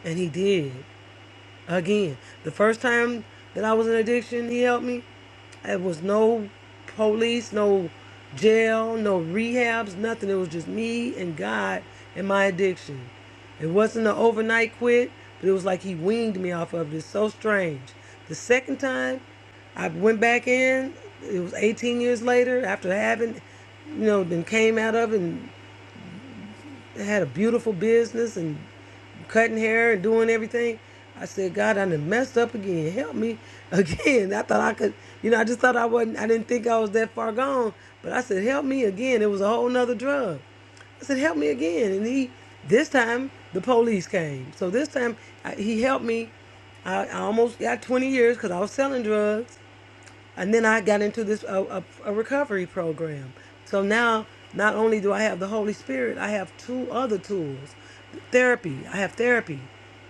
Speaker 1: And he did. Again, the first time that I was in addiction, he helped me. It was no police, no jail, no rehabs, nothing. It was just me and God and my addiction. It wasn't an overnight quit, but it was like he weaned me off of it. It's so strange. The second time I went back in, it was 18 years later after having, you know, then came out of it and had a beautiful business and cutting hair and doing everything. I said, God, I done messed up again. Help me again. I thought I could, you know, I just thought I wasn't, I didn't think I was that far gone. But I said, help me again. It was a whole nother drug. I said, help me again. And he, this time, the police came. So this time, I, he helped me. I, I almost got 20 years because I was selling drugs and then I got into this a, a, a recovery program. So now, not only do I have the Holy Spirit, I have two other tools, therapy. I have therapy.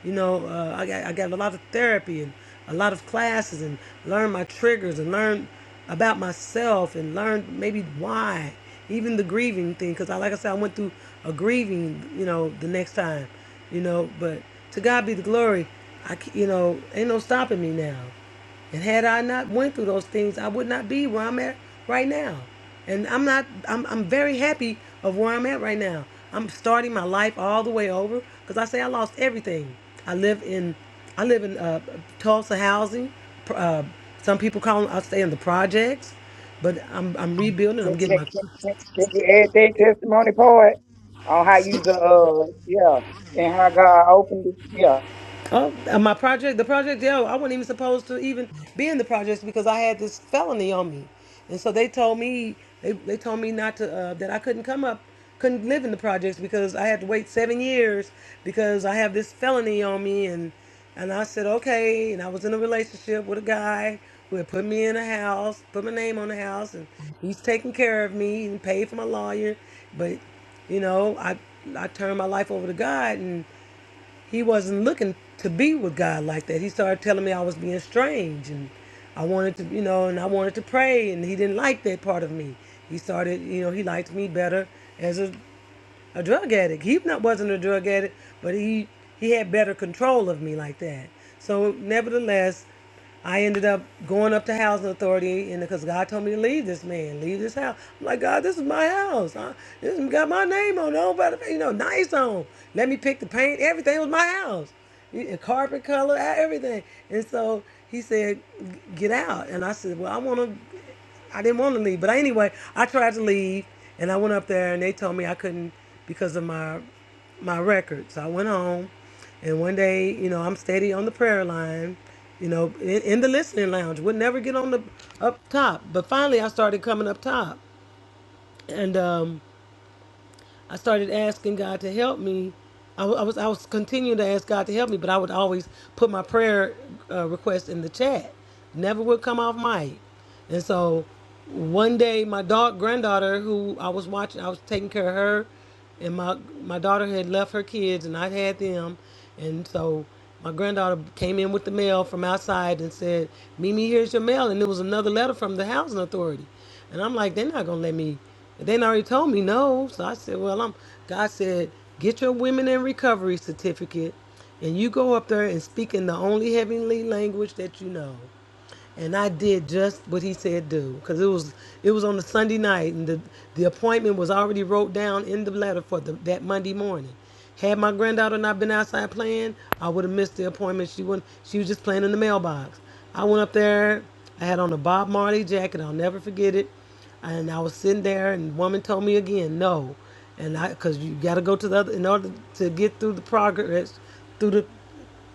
Speaker 1: You know, uh, I got I got a lot of therapy and a lot of classes and learn my triggers and learn about myself and learn maybe why even the grieving thing because I like I said I went through a grieving you know the next time you know but to God be the glory I you know ain't no stopping me now and had I not went through those things, I would not be where I'm at right now. And I'm not I'm I'm very happy of where I'm at right now. I'm starting my life all the way over cuz I say I lost everything. I live in I live in uh, Tulsa housing. Uh, some people call them, I stay in the projects, but I'm I'm rebuilding.
Speaker 8: can,
Speaker 1: I'm getting
Speaker 8: can,
Speaker 1: my
Speaker 8: can you add that testimony part on how you the uh yeah and how God opened it? Yeah.
Speaker 1: Oh, uh, my project, the project, yo, I wasn't even supposed to even be in the projects because I had this felony on me. And so they told me, they, they told me not to, uh, that I couldn't come up, couldn't live in the projects because I had to wait seven years because I have this felony on me. And, and I said, okay. And I was in a relationship with a guy who had put me in a house, put my name on the house, and he's taking care of me and paid for my lawyer. But you know, I I turned my life over to God, and he wasn't looking to be with God like that. He started telling me I was being strange and I wanted to, you know, and I wanted to pray and he didn't like that part of me. He started, you know, he liked me better as a a drug addict. He not, wasn't a drug addict, but he he had better control of me like that. So nevertheless, I ended up going up to housing authority, and because God told me to leave this man, leave this house. I'm like, God, this is my house. I, this has got my name on it. I don't gotta pay- You know, nice on. Let me pick the paint. Everything was my house. The Carpet color, e, everything. And so he said, "Get out." And I said, "Well, I want to." I didn't want to leave. But anyway, I tried to leave and I went up there and they told me I couldn't because of my my record. So I went home and one day, you know, I'm steady on the prayer line, you know, in, in the listening lounge. Would never get on the up top. But finally I started coming up top. And um I started asking God to help me. I, wa- I was I was continuing to ask God to help me, but I would always put my prayer uh, request in the chat. Never would come off mic. And so one day, my dog granddaughter, who I was watching, I was taking care of her and my my daughter had left her kids and I had them, and so my granddaughter came in with the mail from outside and said, "Mimi, here's your mail," and it was another letter from the housing authority, and I'm like, they're not gonna let me. They done already told me no, so I said, well, I'm. God said, get your women in recovery certificate, and you go up there and speak in the only heavenly language that you know and I did just what he said do because it was it was on a Sunday night and the the appointment was already wrote down in the letter for the, that Monday morning. Had my granddaughter not been outside playing, I would have missed the appointment. She wouldn't. She was just playing in the mailbox. I went up there. I had on a Bob Marley jacket. I'll never forget it. And I was sitting there, and the woman told me again, no, and I because you got to go to the other in order to get through the progress through the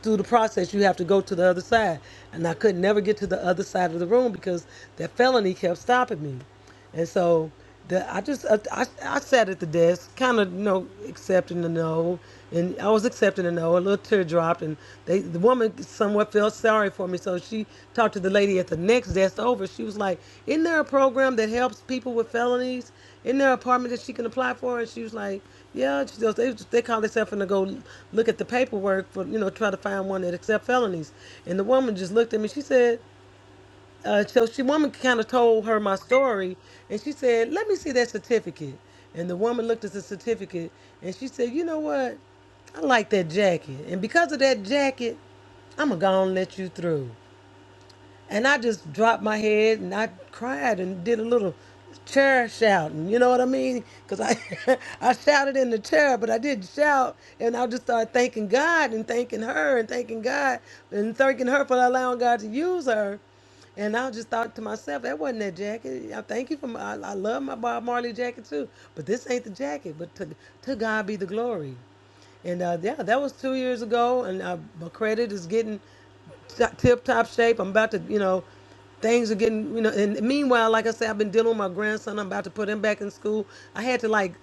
Speaker 1: through the process, you have to go to the other side. And I could never get to the other side of the room because that felony kept stopping me. And so the, I just, I, I, I sat at the desk, kind of, you know, accepting the no. And I was accepting the no, a little tear dropped. And they, the woman somewhat felt sorry for me. So she talked to the lady at the next desk over. She was like, Isn't there a program that helps people with felonies? Isn't there an apartment that she can apply for? And she was like, yeah, just, they they call themselves and to go look at the paperwork for you know try to find one that accept felonies. And the woman just looked at me. She said, uh, so she woman kind of told her my story, and she said, let me see that certificate. And the woman looked at the certificate, and she said, you know what? I like that jacket, and because of that jacket, I'm gonna go and let you through. And I just dropped my head and I cried and did a little chair shouting. You know what I mean? Because I, I shouted in the chair, but I didn't shout. And I just started thanking God and thanking her and thanking God and thanking her for allowing God to use her. And I just thought to myself, that wasn't that jacket. I thank you for my, I, I love my Bob Marley jacket too, but this ain't the jacket. But to, to God be the glory. And uh, yeah, that was two years ago, and uh, my credit is getting tip top shape. I'm about to, you know, things are getting, you know. And meanwhile, like I said, I've been dealing with my grandson. I'm about to put him back in school. I had to like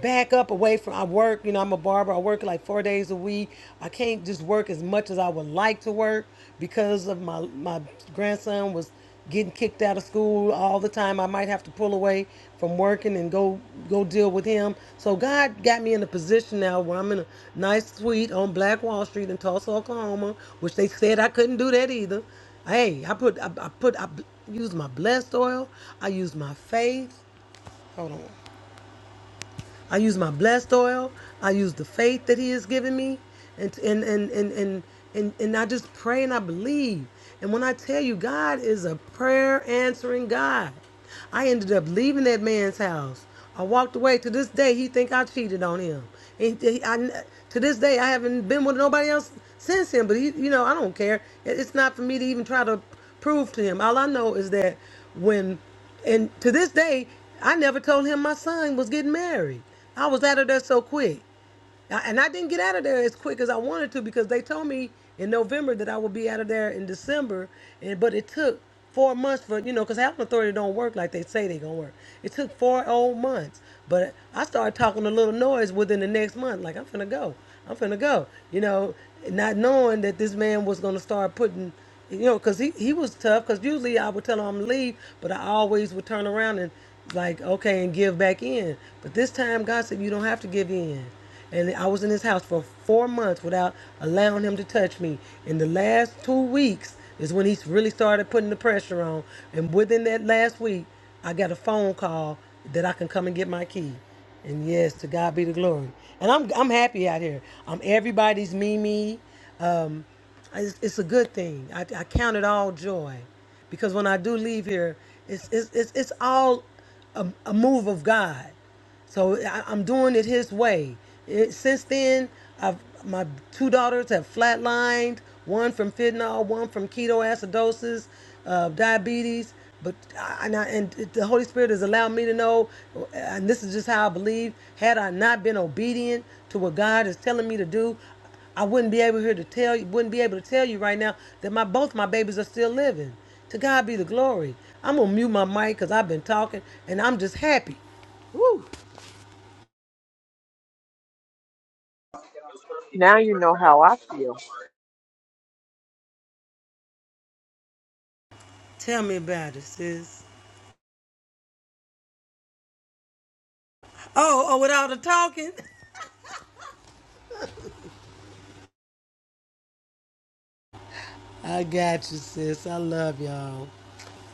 Speaker 1: back up away from I work. You know, I'm a barber. I work like four days a week. I can't just work as much as I would like to work because of my my grandson was getting kicked out of school all the time. I might have to pull away from working and go go deal with him. So God got me in a position now where I'm in a nice suite on Black Wall Street in Tulsa, Oklahoma, which they said I couldn't do that either. Hey, I put I, I put I b- used my blessed oil. I used my faith. Hold on. I use my blessed oil. I use the faith that He has given me, and and and and and and, and I just pray and I believe. And when I tell you, God is a prayer answering God. I ended up leaving that man's house. I walked away. To this day, he think I cheated on him. And he- I- to this day, I haven't been with nobody else since him. But he, you know, I don't care. It- It's not for me to even try to prove to him. All I know is that when and to this day, I never told him my son was getting married. I was out of there so quick and I didn't get out of there as quick as I wanted to because they told me in November that I would be out of there in December, and but it took four months for you know because health authority don't work like they say they gonna work. It took four old months, but I started talking a little noise within the next month. Like I'm finna go, I'm finna go, you know, not knowing that this man was gonna start putting. You know, cause he, he was tough. Cause usually I would tell him to leave, but I always would turn around and like, okay, and give back in. But this time God said you don't have to give in. And I was in his house for four months without allowing him to touch me. In the last two weeks is when he really started putting the pressure on. And within that last week, I got a phone call that I can come and get my key. And yes, to God be the glory. And I'm I'm happy out here. I'm everybody's Mimi. Um, it's, it's a good thing. I, I count it all joy, because when I do leave here, it's it's it's, it's all a, a move of God. So I, I'm doing it his way. It- since then, I've, my two daughters have flatlined, one from fentanyl, one from ketoacidosis, uh, diabetes. But I, and, I, and the Holy Spirit has allowed me to know, and this is just how I believe, had I not been obedient to what God is telling me to do, I wouldn't be able here to tell you, wouldn't be able to tell you right now that my both my babies are still living. To God be the glory. I'm gonna mute my mic because I've been talking and I'm just happy. Woo!
Speaker 9: Now you know how I feel.
Speaker 1: Tell me about it, sis. Oh, oh, with all the talking. I got you, sis. I love y'all.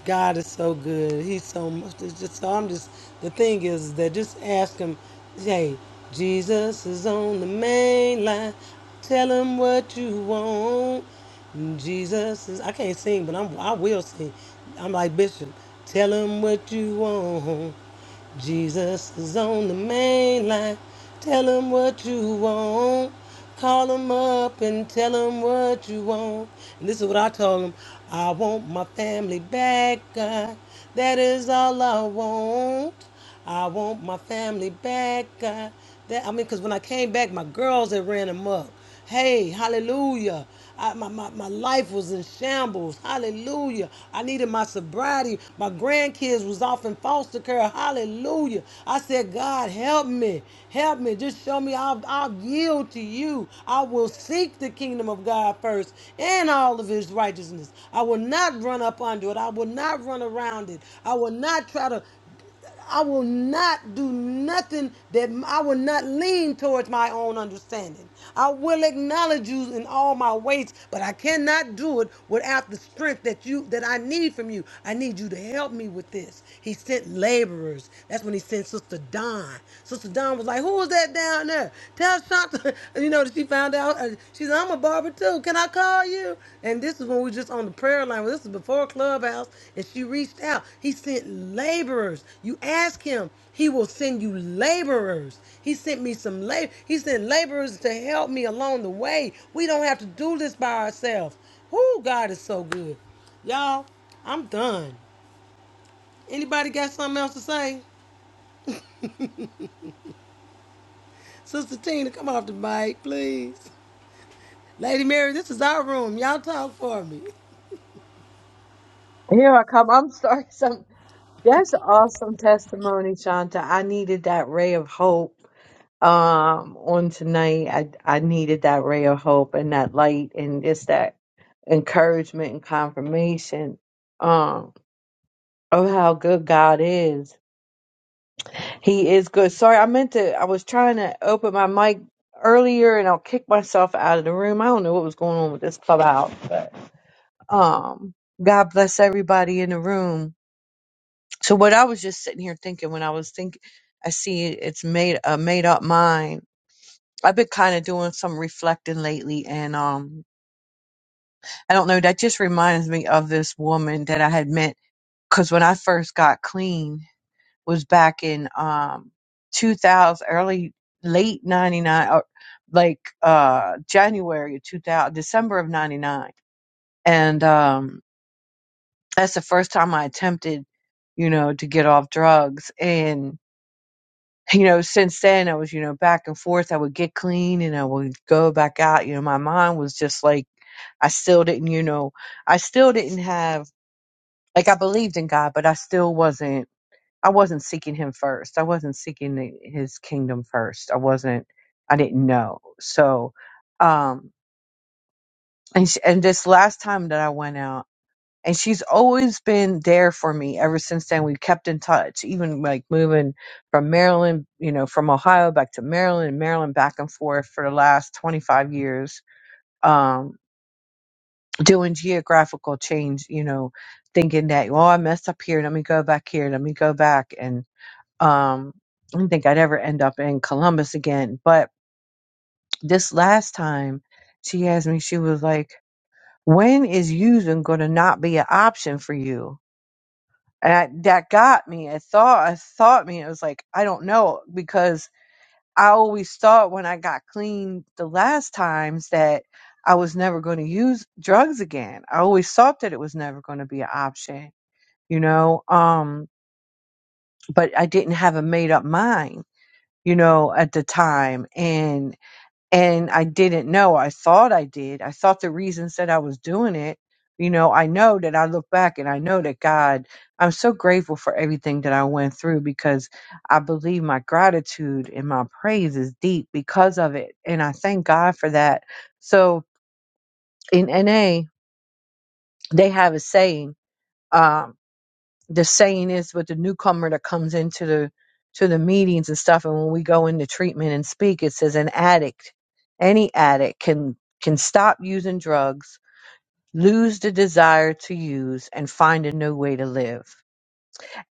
Speaker 1: God is so good. He's so much. It's just so I'm just. The thing is that just ask him. Hey, Jesus is on the main line. Tell him what you want. Jesus is. I can't sing, but I'm. I will sing. I'm like Bishop. Tell him what you want. Jesus is on the main line. Tell him what you want. Call him up and tell him what you want. And this is what I told him. I want my family back, God. That is all I want. I want my family back, God. That I mean, cause when I came back, my girls had ran him up. Hey, hallelujah. I, my, my, my life was in shambles. Hallelujah. I needed my sobriety. My grandkids was off in foster care. Hallelujah. I said, God, help me. Help me. Just show me I'll, I'll yield to you. I will seek the kingdom of God first and all of his righteousness. I will not run up under it. I will not run around it. I will not try to I will not do nothing that I will not lean towards my own understanding. I will acknowledge you in all my ways, but I cannot do it without the strength that you that I need from you. I need you to help me with this. He sent laborers. That's when he sent Sister Don. Sister Don was like, "Who was that down there? Tell Shanta." You know, she found out out. uh, She said, I'm a barber too. Can I call you? And this is when we were just on the prayer line. This is before Clubhouse. And she reached out. He sent laborers. You ask him, he will send you laborers. He sent me some labor. He sent laborers to help me along the way. We don't have to do this by ourselves. Whoo, God is so good. Y'all, I'm done. Anybody got something else to say? Sister Tina, come off the mic, please. Lady Mary, this is our room. Y'all talk for me.
Speaker 10: Here I come. I'm sorry. Some that's awesome testimony, Shanta. I needed that ray of hope um on tonight. I I needed that ray of hope and that light and just that encouragement and confirmation um of how good God is. He is good. Sorry, I meant to I was trying to open my mic earlier and I'll kick myself out of the room. I don't know what was going on with this clubhouse, but um God bless everybody in the room. So what I was just sitting here thinking when I was thinking, I see it's made a made up mind. I've been kind of doing some reflecting lately, and um, I don't know. That just reminds me of this woman that I had met because when I first got clean was back in um 2000 early late 99 or like uh January of 2000 December of 99 and um that's the first time I attempted you know to get off drugs and. you know, since then I was, you know, back and forth. I would get clean and I would go back out. You know, my mind was just like, I still didn't, you know, I still didn't have, like, I believed in God, but I still wasn't, I wasn't seeking Him first. I wasn't seeking the, His kingdom first. I wasn't, I didn't know. So, um, and, sh- and this last time that I went out and she's always been there for me ever since then. We've kept in touch, even like moving from Maryland, you know, from Ohio back to Maryland and Maryland back and forth for the last 25 years, um, doing geographical change, you know, thinking that, oh, I messed up here. Let me go back here. Let me go back. And um, I didn't think I'd ever end up in Columbus again. But this last time she asked me, she was like, when is using going to not be an option for you? and I, that got me. It thought, it thought me. It was like I don't know because I always thought when I got clean the last times that I was never going to use drugs again. I always thought that it was never going to be an option, you know. Um, but I didn't have a made up mind, you know, at the time, and and I didn't know. I thought I did. I thought the reason said I was doing it. You know, I know that I look back and I know that God, I'm so grateful for everything that I went through because I believe my gratitude and my praise is deep because of it. And I thank God for that. So in NA, they have a saying. Um, the saying is with the newcomer that comes into the to the meetings and stuff and when we go into treatment and speak it says an addict any addict can can stop using drugs lose the desire to use and find a new way to live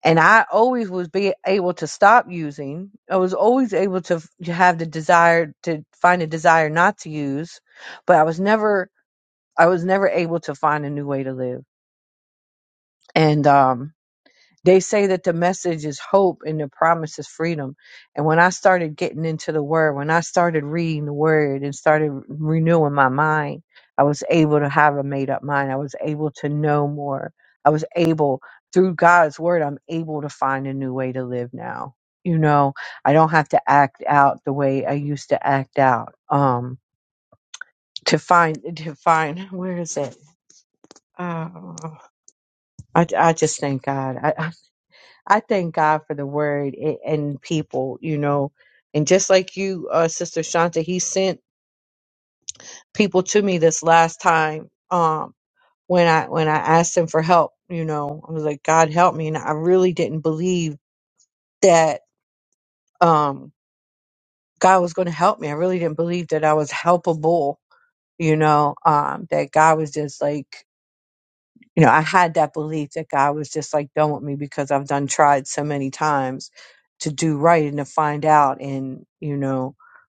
Speaker 10: and i always was be able to stop using i was always able to f- to have the desire to find a desire not to use but i was never i was never able to find a new way to live and um They say that the message is hope and the promise is freedom. And when I started getting into the word, when I started reading the word and started renewing my mind, I was able to have a made up mind. I was able to know more. I was able, through God's word, I'm able to find a new way to live now. You know, I don't have to act out the way I used to act out. Um, to find, to find, where is it? Oh, I, I just thank God. I. I thank God for the word a- and people, you know. And just like you, uh, Sister Shanta, he sent people to me this last time um, when I when I asked him for help. You know, I was like, God help me, and I really didn't believe that um, God was going to help me. I really didn't believe that I was helpable. You know, um, that God was just like you know, I had that belief that God was just like done with me because I've done tried so many times to do right and to find out. And, you know,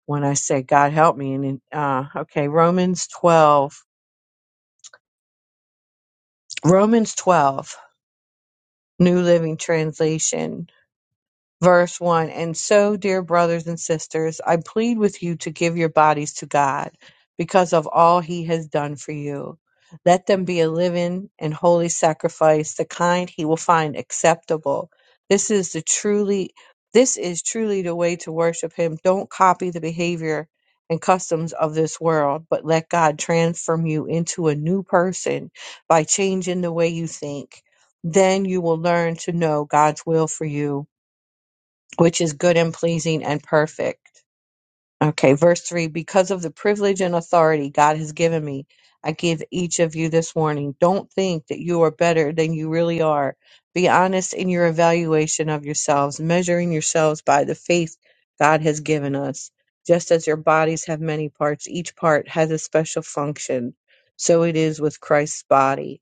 Speaker 10: when I say God help me and, then, uh, okay, Romans 12, Romans 12, New Living Translation. verse 1 And so, dear brothers and sisters, I plead with you to give your bodies to God because of all he has done for you. Let them be a living and holy sacrifice, the kind he will find acceptable. This is the truly this is truly the way to worship him. Don't copy the behavior and customs of this world, but let God transform you into a new person by changing the way you think. Then you will learn to know God's will for you which is good and pleasing and perfect. Okay, verse 3 Because of the privilege and authority God has given me, I give each of you this warning. Don't think that you are better than you really are. Be honest in your evaluation of yourselves, measuring yourselves by the faith God has given us. Just as your bodies have many parts, each part has a special function. So it is with Christ's body.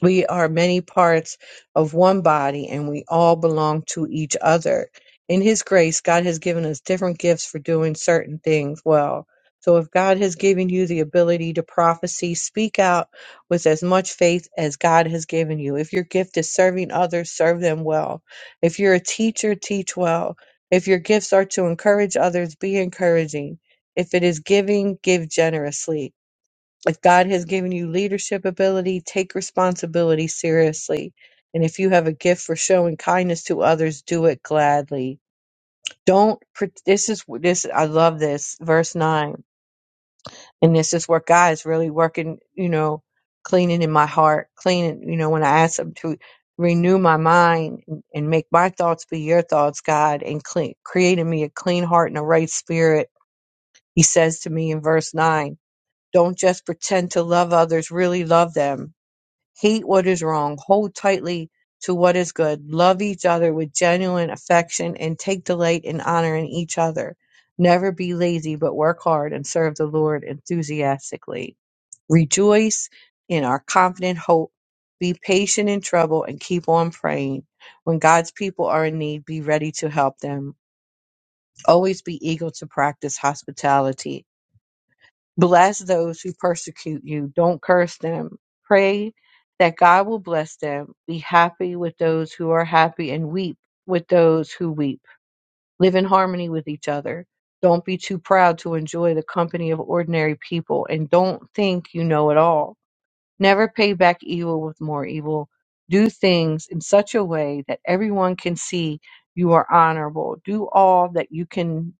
Speaker 10: We are many parts of one body and we all belong to each other. In His grace, God has given us different gifts for doing certain things well. So if God has given you the ability to prophecy, speak out with as much faith as God has given you. If your gift is serving others, serve them well. If you're a teacher, teach well. If your gifts are to encourage others, be encouraging. If it is giving, give generously. If God has given you leadership ability, take responsibility seriously. And if you have a gift for showing kindness to others, do it gladly. Don't, pre- this is, this, I love this, verse 9. And this is where God is really working, you know, cleaning in my heart, cleaning, you know, when I ask Him to renew my mind and and make my thoughts be your thoughts, God, and clean, creating me a clean heart and a right spirit. He says to me in verse 9, don't just pretend to love others, really love them Hate what is wrong. Hold tightly to what is good. Love each other with genuine affection and take delight in honoring each other. Never be lazy, but work hard and serve the Lord enthusiastically. Rejoice in our confident hope. Be patient in trouble and keep on praying. When God's people are in need, be ready to help them. Always be eager to practice hospitality Bless those who persecute you. Don't curse them. Pray that God will bless them. Be happy with those who are happy and weep with those who weep. Live in harmony with each other. Don't be too proud to enjoy the company of ordinary people and don't think you know it all Never pay back evil with more evil. Do things in such a way that everyone can see you are honorable. Do all that you can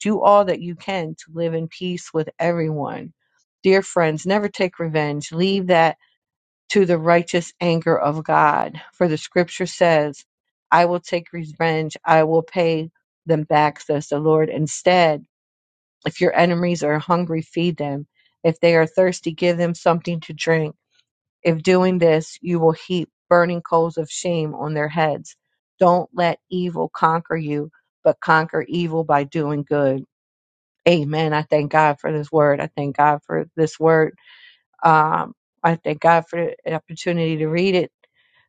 Speaker 10: do all that you can to live in peace with everyone. Dear friends, never take revenge. Leave that to the righteous anger of God. For the scripture says, I will take revenge, I will pay them back, says the Lord. Instead, if your enemies are hungry, feed them. If they are thirsty, give them something to drink. If doing this, you will heap burning coals of shame on their heads. Don't let evil conquer you, but conquer evil by doing good. Amen. I thank God for this word. I thank God for this word. Um, I thank God for the opportunity to read it.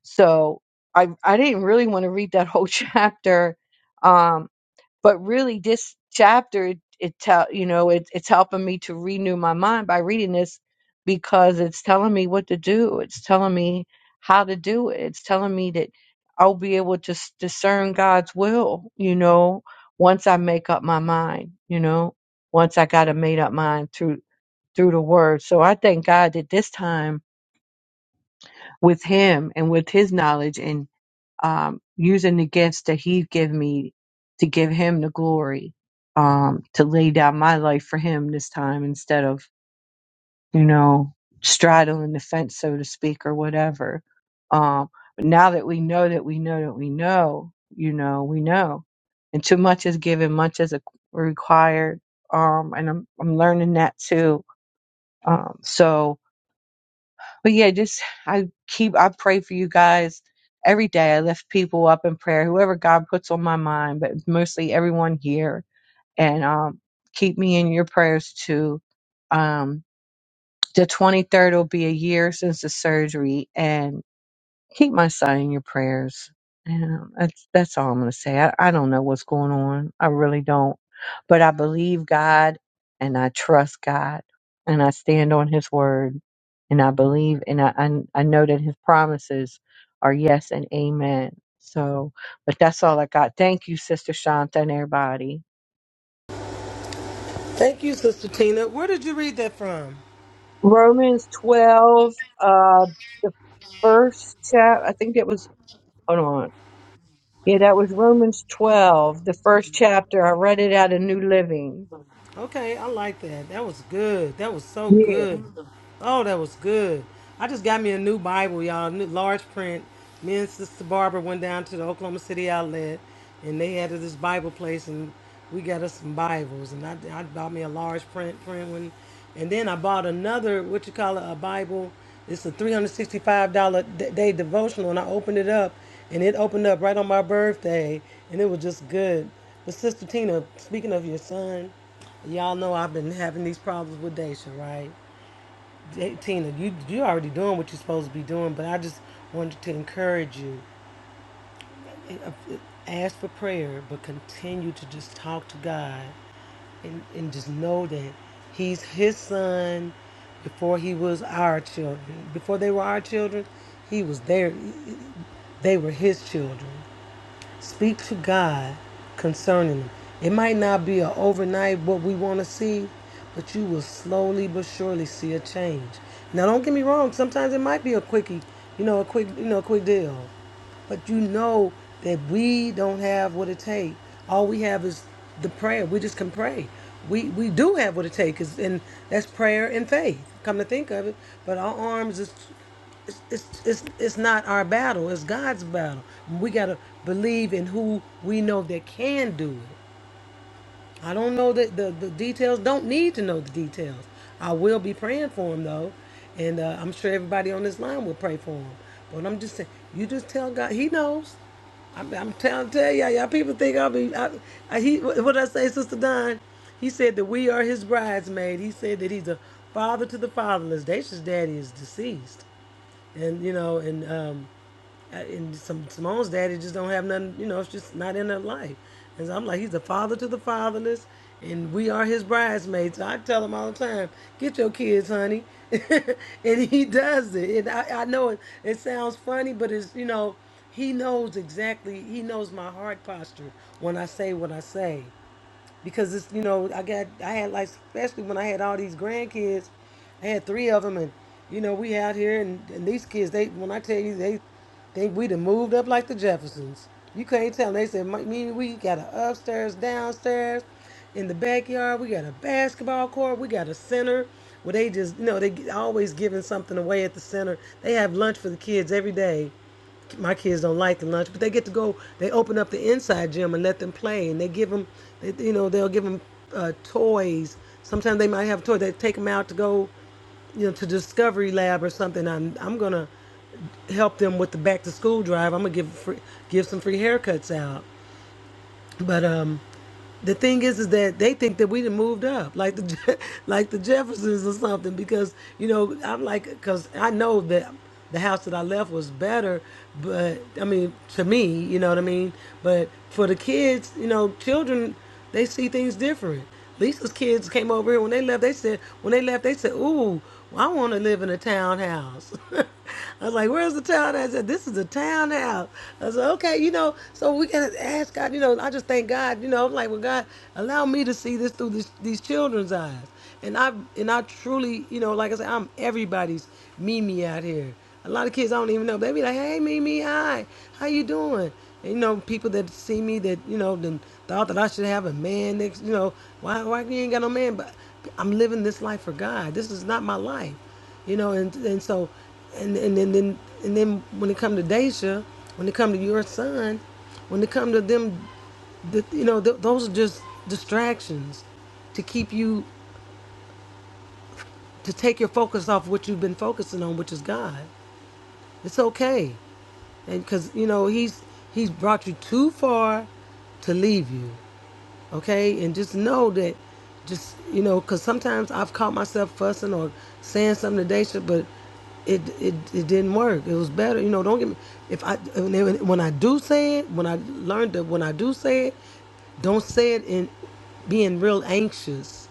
Speaker 10: So I, I didn't really want to read that whole chapter. Um, but really this chapter it, it tell you know it, it's helping me to renew my mind by reading this because it's telling me what to do it's telling me how to do it it's telling me that i'll be able to s- discern god's will you know once i make up my mind you know once i got a made up mind through through the word so i thank god that this time with him and with his knowledge and um, using the gifts that He give me to give Him the glory, um, to lay down my life for Him this time instead of you know straddling the fence, so to speak, or whatever. Um, but now that we know that we know that we know, you know, we know, and too much is given, much is required. Um, and I'm I'm learning that too. Um, so but yeah, just I keep I pray for you guys every day. I lift people up in prayer, whoever God puts on my mind, but mostly everyone here. And um, keep me in your prayers too. Um, the 23rd will be a year since the surgery, and. Keep my son in your prayers. And um, that's that's all I'm going to say. I, I don't know what's going on. I really don't. But I believe God and I trust God and I stand on his word and I believe and I I, I know that his promises are yes and amen. So, but that's all I got. Thank you, Sister Shanta and everybody.
Speaker 1: Thank you, Sister Tina. Where did you read that from?
Speaker 10: Romans 12, uh, the first chap, I think it was, hold on. Yeah, that was Romans 12, the first chapter. I read it out of New Living.
Speaker 1: Okay, I like that. That was good. That was so
Speaker 10: Yeah,
Speaker 1: good. Oh, that was good. I just got me a new Bible, y'all, new large print. Me and Sister Barbara went down to the Oklahoma City outlet, and they had this Bible place, and we got us some Bibles, and I, I bought me a large print print one, and then I bought another what you call it a Bible. It's a three hundred sixty five dollar day devotional, and I opened it up, and it opened up right on my birthday, and it was just good. But Sister Tina, speaking of your son. Y'all know I've been having these problems with Daisha, right? Hey, Tina, you you already doing what you're supposed to be doing, but I just wanted to encourage you. Ask for prayer, but continue to just talk to God and, and just know that He's His son before He was our children. Before they were our children, He was there. they were His children. Speak to God concerning them. It might not be a overnight what we want to see, but you will slowly but surely see a change. Now, don't get me wrong. Sometimes it might be a quickie, you know, a quick, you know, a quick deal. But you know that we don't have what it takes. All we have is the prayer. We just can pray. We we do have what it takes, and that's prayer and faith. Come to think of it, but our arms is it's, it's, it's, it's not our battle. It's God's battle. We got to believe in who we know that can do it. I don't know the, the, the details. Don't need to know the details. I will be praying for him though, and uh, I'm sure everybody on this line will pray for him. But I'm just saying, you just tell God. He knows. I'm, I'm telling tell y'all. Y'all people think I'll be. I, I, he what did I say, Sister Don. He said that we are his bridesmaid. He said that he's a father to the fatherless. Dacia's daddy is deceased, and you know, and um, I- and some Simone's daddy just don't have nothing. You know, it's just not in their life. And so I'm like, he's the father to the fatherless, and we are his bridesmaids. So I tell him all the time, get your kids, honey, and he does it. And I, I know it. It sounds funny, but it's you know, he knows exactly. He knows my heart posture when I say what I say because it's you know I got I had like especially when I had all these grandkids, I had three of them, and you know we out here and, and these kids they when I tell you they think we done moved up like the Jeffersons. You can't tell. tell. They said "Mi- me and we got a upstairs, downstairs, in the backyard. We got a basketball court. We got a center. Where they just you know they always giving something away at the center. They have lunch for the kids every day my kids don't like the lunch, but they get to go. They open up the inside gym and let them play, and they give them, they, you know, they'll give them uh, toys. Sometimes they might have toys. They take them out to go, you know, to Discovery Lab or something. I'm I'm gonna help them with the back to school drive. I'm gonna give free, give some free haircuts out. But um, the thing is, is that they think that we done moved up, like the Je- like the Jeffersons or something. Because you know, I'm like, because I know that the house that I left was better, but I mean, to me, you know what I mean. But for the kids, you know, children, they see things different. Lisa's kids came over here when they left. They said when they left, they said, "Ooh, I want to live in a townhouse." I was like, "Where's the townhouse?" I said, "This is a townhouse." I said, "Okay, you know." So we gotta ask God. You know, I just thank God. You know, I'm like, "Well, God, allow me to see this through this, these children's eyes." And I and I truly, you know, like I said, I'm everybody's Mimi out here. A lot of kids I don't even know. They be like, "Hey, Mimi, hi, how you doing?" And you know, people that see me that you know, then thought that I should have a man next. You know, why why you ain't got no man? But I'm living this life for God. This is not my life, you know. And and so, and and then then and then when it come to Daisha, when it come to your son, when it come to them, the, you know, th- those are just distractions to keep you to take your focus off what you've been focusing on, which is God. It's okay and because you know he's he's brought you too far to leave you okay and just know that just you know because sometimes i've caught myself fussing or saying something to Daisha, but it, it it didn't work it was better you know don't get me if i when when i do say it when i learned that when i do say it don't say it in being real anxious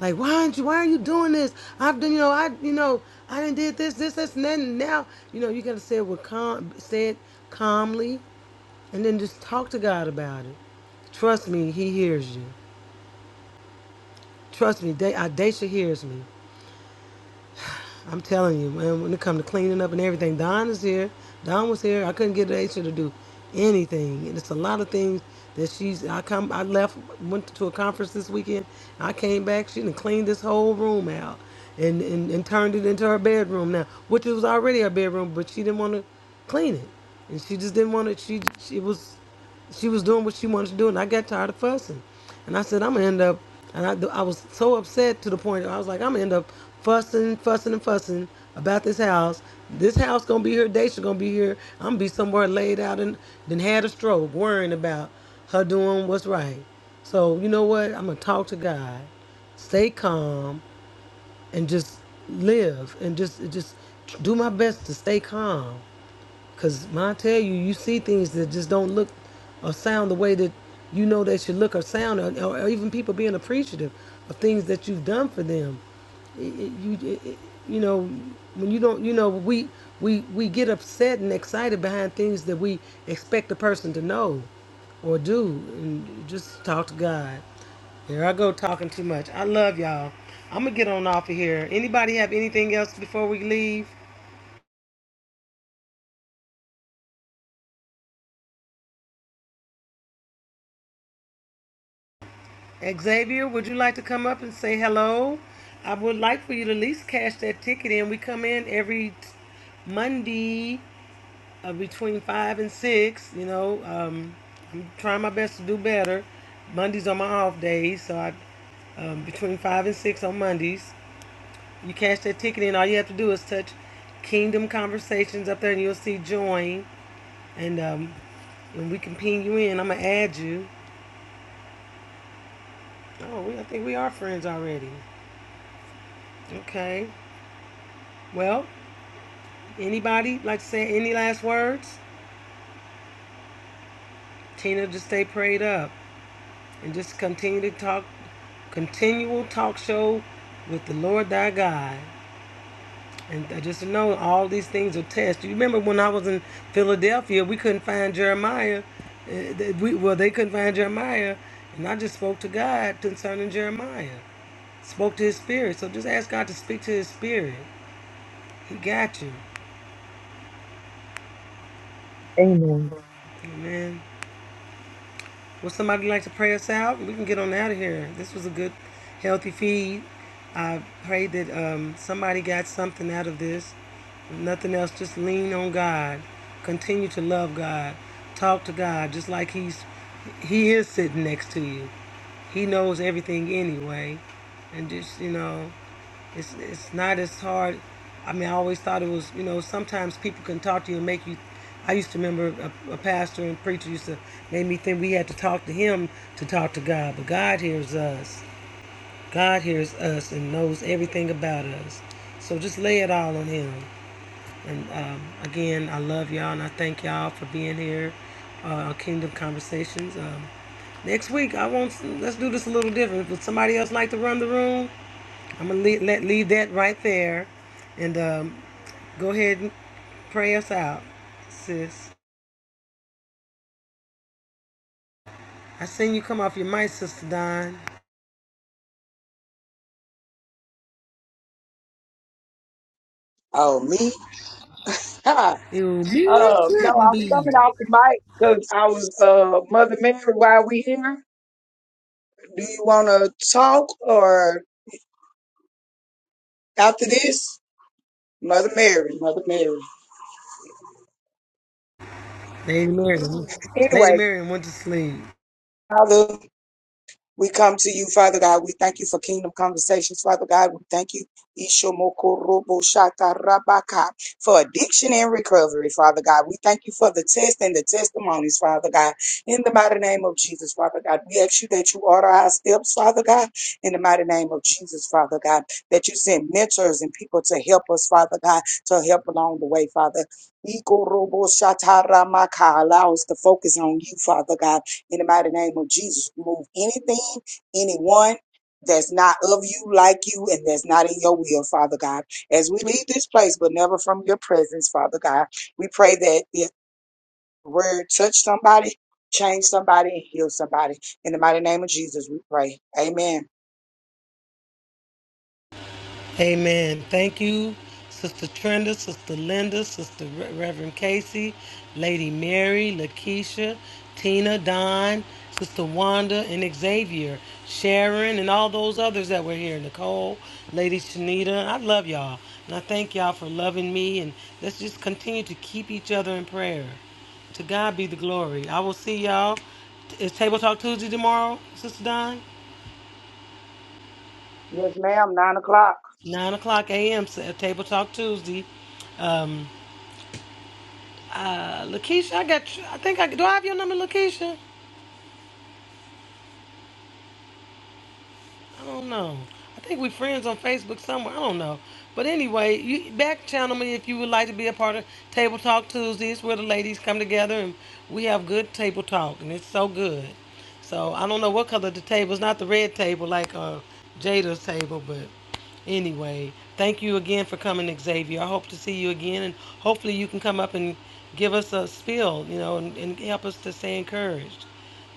Speaker 1: like, why aren't you, why are you doing this? I've done, you know, I, you know, I didn't did this, this, this, and then now, you know, you gotta say it with calm, say it calmly, and then just talk to God about it. Trust me, He hears you. Trust me, Da- uh, Daisha hears me. I'm telling you, man, when it come to cleaning up and everything, Don is here. Don was here. I couldn't get Aisha to do anything. And it's a lot of things that she's I come I left went to a conference this weekend. I came back, she done cleaned this whole room out and, and, and turned it into her bedroom now, which it was already her bedroom, but she didn't want to clean it. And she just didn't want to she she was she was doing what she wanted to do, and I got tired of fussing. And I said, I'm gonna end up, and I, I was so upset to the point that I was like, I'm gonna end up fussing, fussing, and fussing about this house. This house gonna be here. Daisha gonna be here. I'm gonna be somewhere laid out and then had a stroke, worrying about her doing what's right. So you know what? I'm gonna talk to God, stay calm, and just live, and just just do my best to stay calm. Cause when I tell you, you see things that just don't look or sound the way that you know they should look or sound, or, or, or even people being appreciative of things that you've done for them. It, it, you, it, it- you know, when you don't, you know, we we we get upset and excited behind things that we expect the person to know or do, and just talk to God. Here I go talking too much. I love y'all. I'm gonna get on off of here. Anybody have anything else before we leave? Xavier, would you like to come up and say hello? I would like for you to at least cash that ticket in. We come in every t- Monday uh, between five and six. You know, um, I'm trying my best to do better. Mondays are my off days, so I um, between five and six on Mondays. You cash that ticket in. All you have to do is touch Kingdom Conversations up there, and you'll see join, and um, and we can ping you in. I'm gonna add you. Oh, we, I think we are friends already. Okay. Well, anybody like to say any last words? Tina, just stay prayed up and just continue to talk, continual talk show with the Lord thy God. And I just know all these things are tests. You remember when I was in Philadelphia, we couldn't find Jeremiah. Uh, we, well, they couldn't find Jeremiah, and I just spoke to God concerning Jeremiah. Spoke to His spirit. So just ask God to speak to His spirit. He got you.
Speaker 10: amen.
Speaker 1: Amen. Would somebody like to pray us out? We can get on out of here. This was a good, healthy feed. I pray that um, somebody got something out of this. If nothing else, just lean on God. Continue to love God. Talk to God, just like He's He is sitting next to you. He knows everything anyway, and just you know. It's it's not as hard. I mean, I always thought it was. You know, sometimes people can talk to you and make you. I used to remember a, a pastor and preacher used to make me think we had to talk to him to talk to God, but God hears us. God hears us and knows everything about us. So just lay it all on Him. And um, again, I love y'all and I thank y'all for being here. Uh, Kingdom Conversations. Um, next week, I want let's do this a little different. Would somebody else like to run the room? I'm gonna leave, let, leave that right there, and um, go ahead and pray us out, sis. I seen you come off your mic, sister Don.
Speaker 8: Oh me? Huh.
Speaker 1: You me
Speaker 8: Uh, no,
Speaker 1: couldn't
Speaker 8: I was
Speaker 1: be.
Speaker 8: coming off the mic because I was uh Mother Mary while we here. Do you want to talk or after this? Mother Mary, Mother Mary.
Speaker 1: Lady Miriam, Lady
Speaker 8: Anyway,
Speaker 1: Miriam went to sleep.
Speaker 8: Father, We come to you, Father God. We thank you for kingdom conversations, Father God. We thank you, Ishomokoroboshakarabakai, for addiction and recovery, Father God. We thank you for the test and the testimonies, Father God. In the mighty name of Jesus, Father God, we ask you that you order our steps, Father God. In the mighty name of Jesus, Father God, that you send mentors and people to help us, Father God, to help along the way, Father. Ikoroboshataramaka, Allow us to focus on you, Father God in the mighty name of Jesus, move anything, anyone that's not of you, like you, and that's not in your will, Father God. As we leave this place, but never from your presence, Father God, we pray that if the word touch somebody, change somebody, and heal somebody. In the mighty name of Jesus, we pray. Amen.
Speaker 1: Amen. Thank you, Sister Trenda, Sister Linda, Sister Re- Reverend Casey, Lady Mary, Lakeisha, Tina, Don, Sister Wanda, and Xavier, Sharon, and all those others that were here. Nicole, Lady Shanita. I love y'all. And I thank y'all for loving me. And let's just continue to keep each other in prayer. To God be the glory. I will see y'all. It's Table Talk Tuesday tomorrow, Sister Don.
Speaker 8: Yes, ma'am. Nine o'clock.
Speaker 1: 9 o'clock a.m. Sa- Table Talk Tuesday. Lakeisha, I got. You. I think I do. I have your number, Lakeisha. I don't know. I think we friends on Facebook somewhere. I don't know. But anyway, you back channel me if you would like to be a part of Table Talk Tuesdays, where the ladies come together and we have good table talk, and it's so good. So I don't know what color the table is. Not the red table like uh, Jada's table, but anyway, thank you again for coming, Xavier. I hope to see you again, and hopefully you can come up and give us a spill, you know, and, and help us to stay encouraged.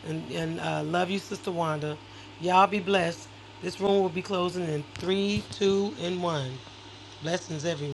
Speaker 1: And, and uh, love you, Sister Wanda. Y'all be blessed. This room will be closing in three, two, and one. Blessings, everyone.